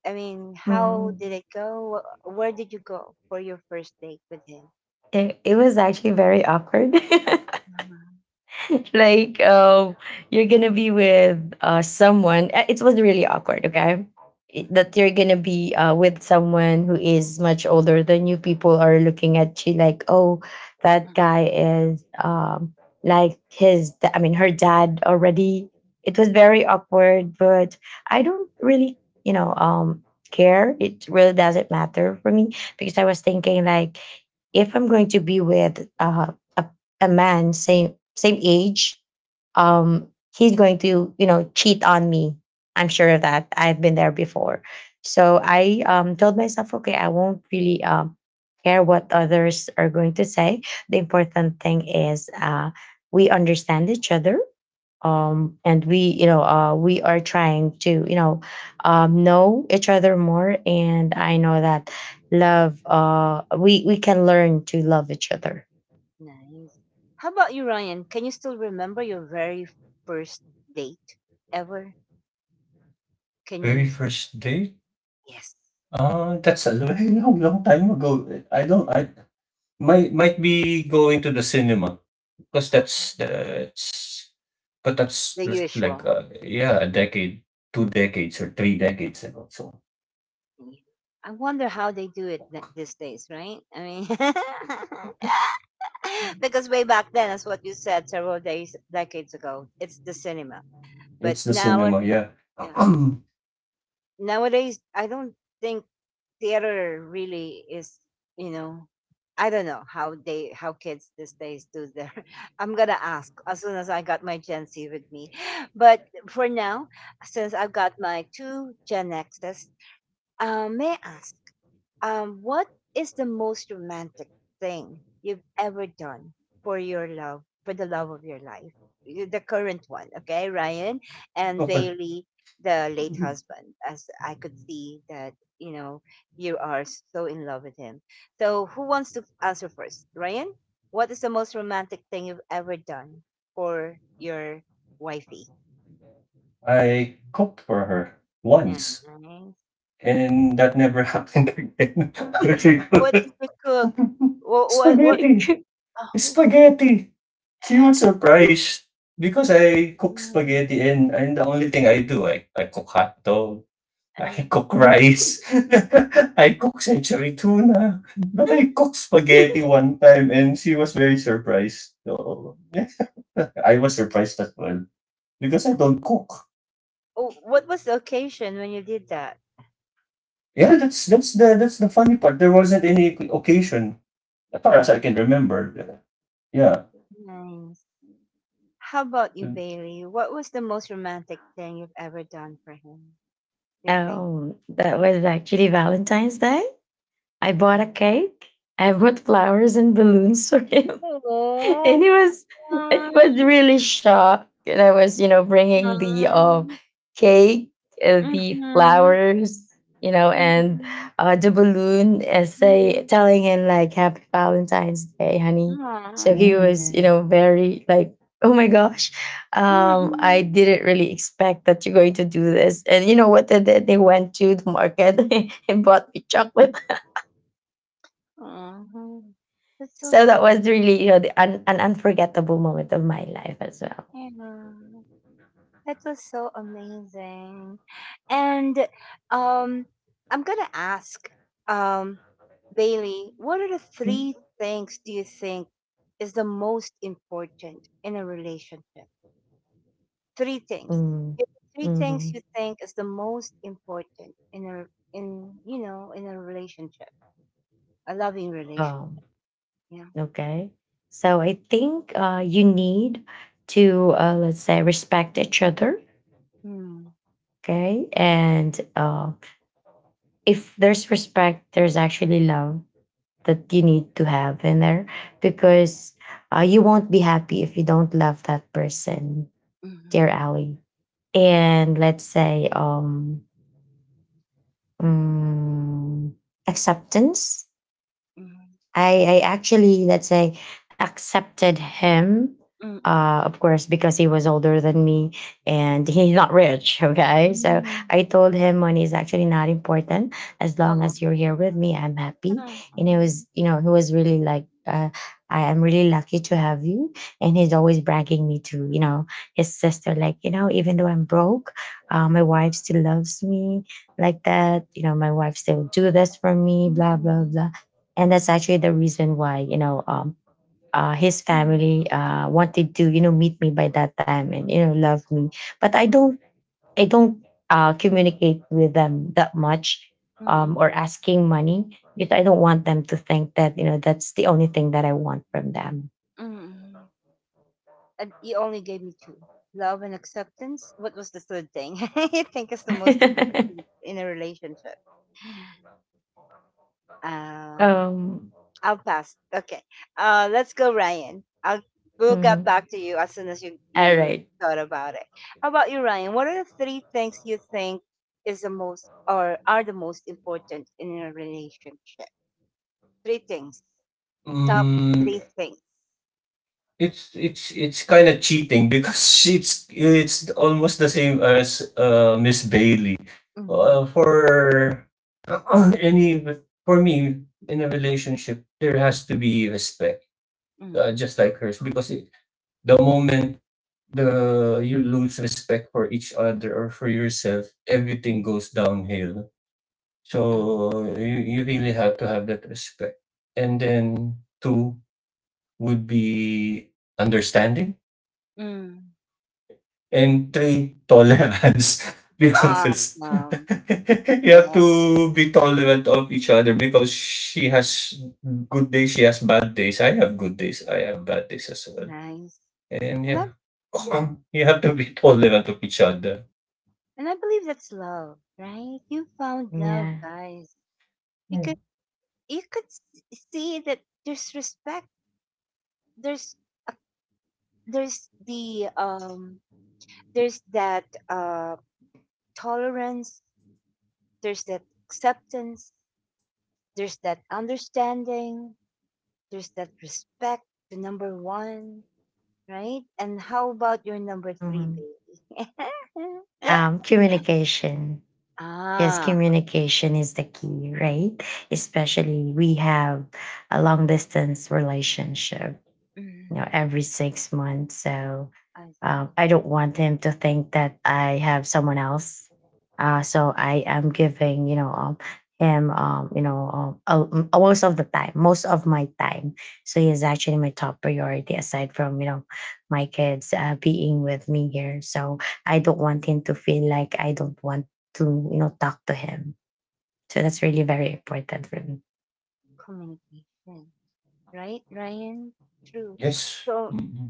[SPEAKER 1] I mean, how
[SPEAKER 2] Mm.
[SPEAKER 1] did it go? Where did you go for your first date with him?
[SPEAKER 2] It was actually very awkward. [laughs]
[SPEAKER 1] Mhm,
[SPEAKER 2] [laughs] Like you're gonna be with someone, it was really awkward, okay. That
[SPEAKER 1] mhm,
[SPEAKER 2] you're gonna be with someone who is much older than you, people are looking at you like, oh, that
[SPEAKER 1] mhm,
[SPEAKER 2] guy is like I mean, her dad already. It was
[SPEAKER 1] mhm.
[SPEAKER 2] very awkward, but I don't really, you know, care. It really doesn't matter for me because I was thinking like if I'm going to be with a man same same age, um, he's going to you know cheat on me. I'm sure of that. I've been there before. So I, told myself, okay, I won't really, care what others are going to say. The important thing is we understand each other, and we, you know, we are trying to, you know, know each other more, and I know that love, we can learn to love each other.
[SPEAKER 1] Nice. How about you, Ryan? Can you still remember your very first date ever? Can you?
[SPEAKER 3] Very first date.
[SPEAKER 1] Yes,
[SPEAKER 3] That's a very long, [laughs] long time ago. I don't. I
[SPEAKER 2] [laughs]
[SPEAKER 3] might be going to the cinema because
[SPEAKER 1] uh,
[SPEAKER 3] that's
[SPEAKER 1] the
[SPEAKER 3] like
[SPEAKER 1] usual.
[SPEAKER 3] yeah, a decade, 2 decades, or 3 decades ago. So
[SPEAKER 1] Yeah. I wonder how they do it these days, right? I mean, [laughs] [laughs] because way back then, as what you said, several days decades ago, it's the cinema. But
[SPEAKER 3] it's the cinema.
[SPEAKER 1] nowadays,
[SPEAKER 3] Yeah.
[SPEAKER 1] yeah, nowadays I don't think theater really is. You know, I don't know how kids these days do their. [laughs] I'm gonna ask as soon as I got my Gen Z with me. But for now, since I've got my two Gen Xs, may I ask, what is the most romantic thing you've ever done for your love, for the love of your life? The current one, okay, Ryan
[SPEAKER 3] [clears throat]
[SPEAKER 1] and
[SPEAKER 3] Okay.
[SPEAKER 1] Bailey, the late husband, as I could see that, you know, you are so in love with him. So, who wants to answer first? Ryan, what is the most romantic thing you've ever done for your wifey?
[SPEAKER 3] I cooked for her
[SPEAKER 1] Yeah.
[SPEAKER 3] once, and that never happened [laughs] again.
[SPEAKER 1] What
[SPEAKER 3] [laughs]
[SPEAKER 1] did you cook? What, what?
[SPEAKER 3] Spaghetti,
[SPEAKER 1] [laughs]
[SPEAKER 3] spaghetti. She was surprised because I cook spaghetti and the only thing I do, I cook hotdog, [laughs] I
[SPEAKER 1] Oh.
[SPEAKER 3] cook
[SPEAKER 2] Mhm.
[SPEAKER 3] rice, [laughs] I cook century tuna, but I cooked spaghetti one time and she was very surprised. So, yeah, I was surprised as well because I don't cook.
[SPEAKER 1] Oh, what was the occasion when you did that?
[SPEAKER 3] Yeah, that's the funny part. There wasn't any occasion as far as I
[SPEAKER 1] Ah,
[SPEAKER 3] can remember. Yeah.
[SPEAKER 1] nice. How about you,
[SPEAKER 3] Yeah.
[SPEAKER 1] Bailey? What was the most romantic thing you've ever done for him? You think?
[SPEAKER 2] Oh, that was actually Valentine's Day. I bought
[SPEAKER 1] Mm.
[SPEAKER 2] a cake. I bought flowers and balloons for him. [laughs]
[SPEAKER 1] Oh.
[SPEAKER 2] And he was, and he was
[SPEAKER 1] [laughs]
[SPEAKER 2] really shocked, and I was, you know, bringing the
[SPEAKER 1] Mm-mm.
[SPEAKER 2] cake, the
[SPEAKER 1] Mm-mm.
[SPEAKER 2] flowers, you know, and
[SPEAKER 1] Mm-mm.
[SPEAKER 2] the balloon and say
[SPEAKER 1] Mm-mm.
[SPEAKER 2] telling him like, happy Valentine's Day, honey. So
[SPEAKER 1] Aw.
[SPEAKER 2] he was, you
[SPEAKER 3] Mm.
[SPEAKER 2] know, very like, oh my gosh, I
[SPEAKER 1] Mm-mm.
[SPEAKER 2] didn't really expect that you're going to do this. And you know what they did? They went to the market [laughs] and bought me chocolate.
[SPEAKER 1] Aw. That's
[SPEAKER 2] [laughs]
[SPEAKER 1] so
[SPEAKER 2] So that
[SPEAKER 1] sweet.
[SPEAKER 2] was really, you know, the an unforgettable moment of my life as well.
[SPEAKER 1] Yeah. That was so amazing. And, um, I'm going to ask, um, Bailey, what are the
[SPEAKER 2] Mm,
[SPEAKER 1] three things do you think is the most important in a relationship? Three things.
[SPEAKER 2] mm,
[SPEAKER 1] If Three things
[SPEAKER 2] mhm.
[SPEAKER 1] you think is the most important in a in you know in a relationship, a loving
[SPEAKER 2] Um.
[SPEAKER 1] relationship. Yeah.
[SPEAKER 2] Okay. So I think you need to let's say respect each other,
[SPEAKER 1] Mm,
[SPEAKER 2] okay? And if there's respect, there's actually love that you need to have in there, because you won't be happy if you don't love that person,
[SPEAKER 1] mm,
[SPEAKER 2] dear Ali. And let's say mm, acceptance.
[SPEAKER 1] mm,
[SPEAKER 2] I actually, let's say, accepted him.
[SPEAKER 1] mm,
[SPEAKER 2] Of course, because he was older than me and he's not rich. [laughs] Okay, so
[SPEAKER 1] mm,
[SPEAKER 2] I
[SPEAKER 1] mm.
[SPEAKER 2] told him money is actually not important. As long
[SPEAKER 1] Oh.
[SPEAKER 2] as you're here with me, I'm happy. And it
[SPEAKER 1] Ah,
[SPEAKER 2] was, you know, he was really like, I am really lucky to have you. And he's always bragging me to, you know, his sister like, you know, even though I'm broke, my wife still loves me like that. You know, my wife still do this for me.
[SPEAKER 1] mm,
[SPEAKER 2] Blah blah
[SPEAKER 1] mm,
[SPEAKER 2] blah. And that's actually the reason why, you know, his
[SPEAKER 1] mm,
[SPEAKER 2] family wanted to, you know, meet me by that time and you know love me, but I don't communicate with them that much,
[SPEAKER 1] mm.
[SPEAKER 2] or
[SPEAKER 1] Mm.
[SPEAKER 2] asking money because I don't want them to think that you know that's the only thing that I want from them.
[SPEAKER 1] Mm. And you only gave me two, love and acceptance. What was the third thing [laughs] I think is the most
[SPEAKER 2] [laughs]
[SPEAKER 1] important in a relationship? Um,
[SPEAKER 2] um
[SPEAKER 1] I'll pass. Okay. Let's go, Ryan. I'll we'll get
[SPEAKER 2] mhm.
[SPEAKER 1] back to you as soon as you
[SPEAKER 2] All
[SPEAKER 1] you
[SPEAKER 2] right.
[SPEAKER 1] thought about it. How about you, Ryan? What are the three things you think is the most, or are the most important in a relationship? Three things. Top
[SPEAKER 3] Mm,
[SPEAKER 1] three things.
[SPEAKER 3] it's kind of cheating because [laughs] it's almost the same as Miss Bailey.
[SPEAKER 1] Mm,
[SPEAKER 3] For [clears throat] any for me in a relationship, there has to be respect.
[SPEAKER 1] mm,
[SPEAKER 3] Just like hers because the moment the you lose respect for each other or for yourself, everything
[SPEAKER 1] mm,
[SPEAKER 3] goes downhill.
[SPEAKER 1] mm,
[SPEAKER 3] So you really have to have that respect. And then two would be understanding,
[SPEAKER 1] mm.
[SPEAKER 3] and three tolerance [laughs] because [laughs]
[SPEAKER 1] Awesome.
[SPEAKER 3] you have
[SPEAKER 1] Yeah,
[SPEAKER 3] to be tolerant of each other because she has good days, she has bad days. I have good days, I have bad days as well.
[SPEAKER 1] nice.
[SPEAKER 3] And
[SPEAKER 1] And I,
[SPEAKER 3] yeah, [clears throat]
[SPEAKER 1] mm,
[SPEAKER 3] you have to be tolerant of each other.
[SPEAKER 1] and I believe that's love, right? You found love,
[SPEAKER 2] Yeah.
[SPEAKER 1] guys, because you could see that there's respect. There's there's the um there's that tolerance. There's that acceptance. There's that understanding. There's that respect to number one, right? And how about your number three,
[SPEAKER 2] Mhm.
[SPEAKER 1] baby? [laughs]
[SPEAKER 2] Communication. Yes,
[SPEAKER 1] Ah.
[SPEAKER 2] communication is the key, right? Especially we have a long distance relationship, you know,
[SPEAKER 1] Mm,
[SPEAKER 2] every six months. So
[SPEAKER 1] I see.
[SPEAKER 2] I don't want him to think that I have someone else. So I am giving, you know, him, most of the time, most of my time. So he is actually my top priority aside from, you know, my kids being with me here. So I don't want him to feel like I don't want to, you know, talk to him. So that's really very important for me.
[SPEAKER 1] Communication, right, Ryan? True.
[SPEAKER 3] Yes.
[SPEAKER 1] So,
[SPEAKER 3] Mhm.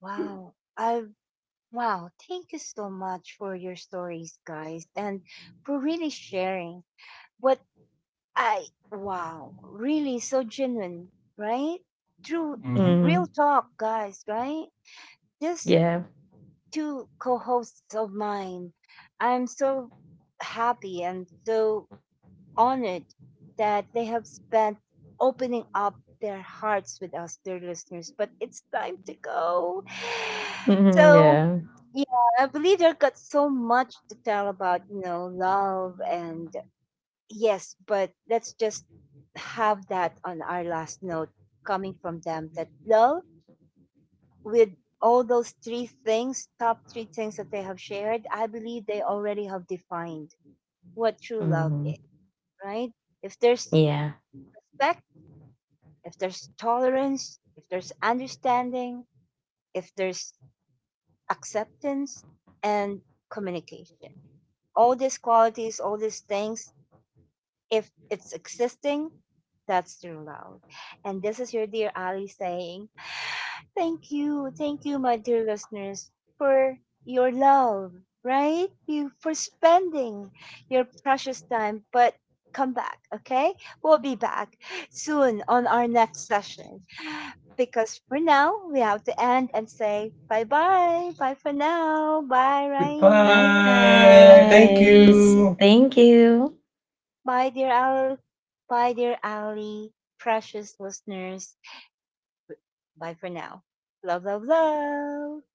[SPEAKER 1] wow, I wow, thank you so much for your stories, guys, and for really sharing, what I wow, really so genuine, right? True,
[SPEAKER 3] Mhm.
[SPEAKER 1] real
[SPEAKER 2] Mhm.
[SPEAKER 1] talk, guys, right? Just
[SPEAKER 2] Yeah.
[SPEAKER 1] two co-hosts of mine. I'm so happy and so honored that they have spent opening up their hearts with us, dear listeners. But it's time to go. [sighs]
[SPEAKER 2] Mhm,
[SPEAKER 1] So,
[SPEAKER 2] yeah.
[SPEAKER 1] yeah, I believe they've got so much to tell about, love, and yes, but let's just have that on our last note coming from them, that love with all those three things, top three things that they have shared, I believe they already have defined what true love
[SPEAKER 2] Mhm.
[SPEAKER 1] is, right? If there's
[SPEAKER 2] Yeah.
[SPEAKER 1] respect, if there's tolerance, if there's understanding, if there's acceptance and communication. All these qualities, all these things, if it's existing, that's true love. And this is your dear Ali saying, thank you, thank you, my dear listeners, for your love, right? You for spending your precious time, but come back, okay? We'll be back soon on our next session. Because for now we have to end and say bye bye. Bye for now. Bye,
[SPEAKER 2] Bye,
[SPEAKER 1] Ryan. Bye,
[SPEAKER 3] Goodbye. Thank
[SPEAKER 2] guys.
[SPEAKER 1] Jean.
[SPEAKER 3] you.
[SPEAKER 2] Thank you.
[SPEAKER 1] Bye, dear Al. Bye, dear Ali. Precious listeners. Bye for now. Love, love, love.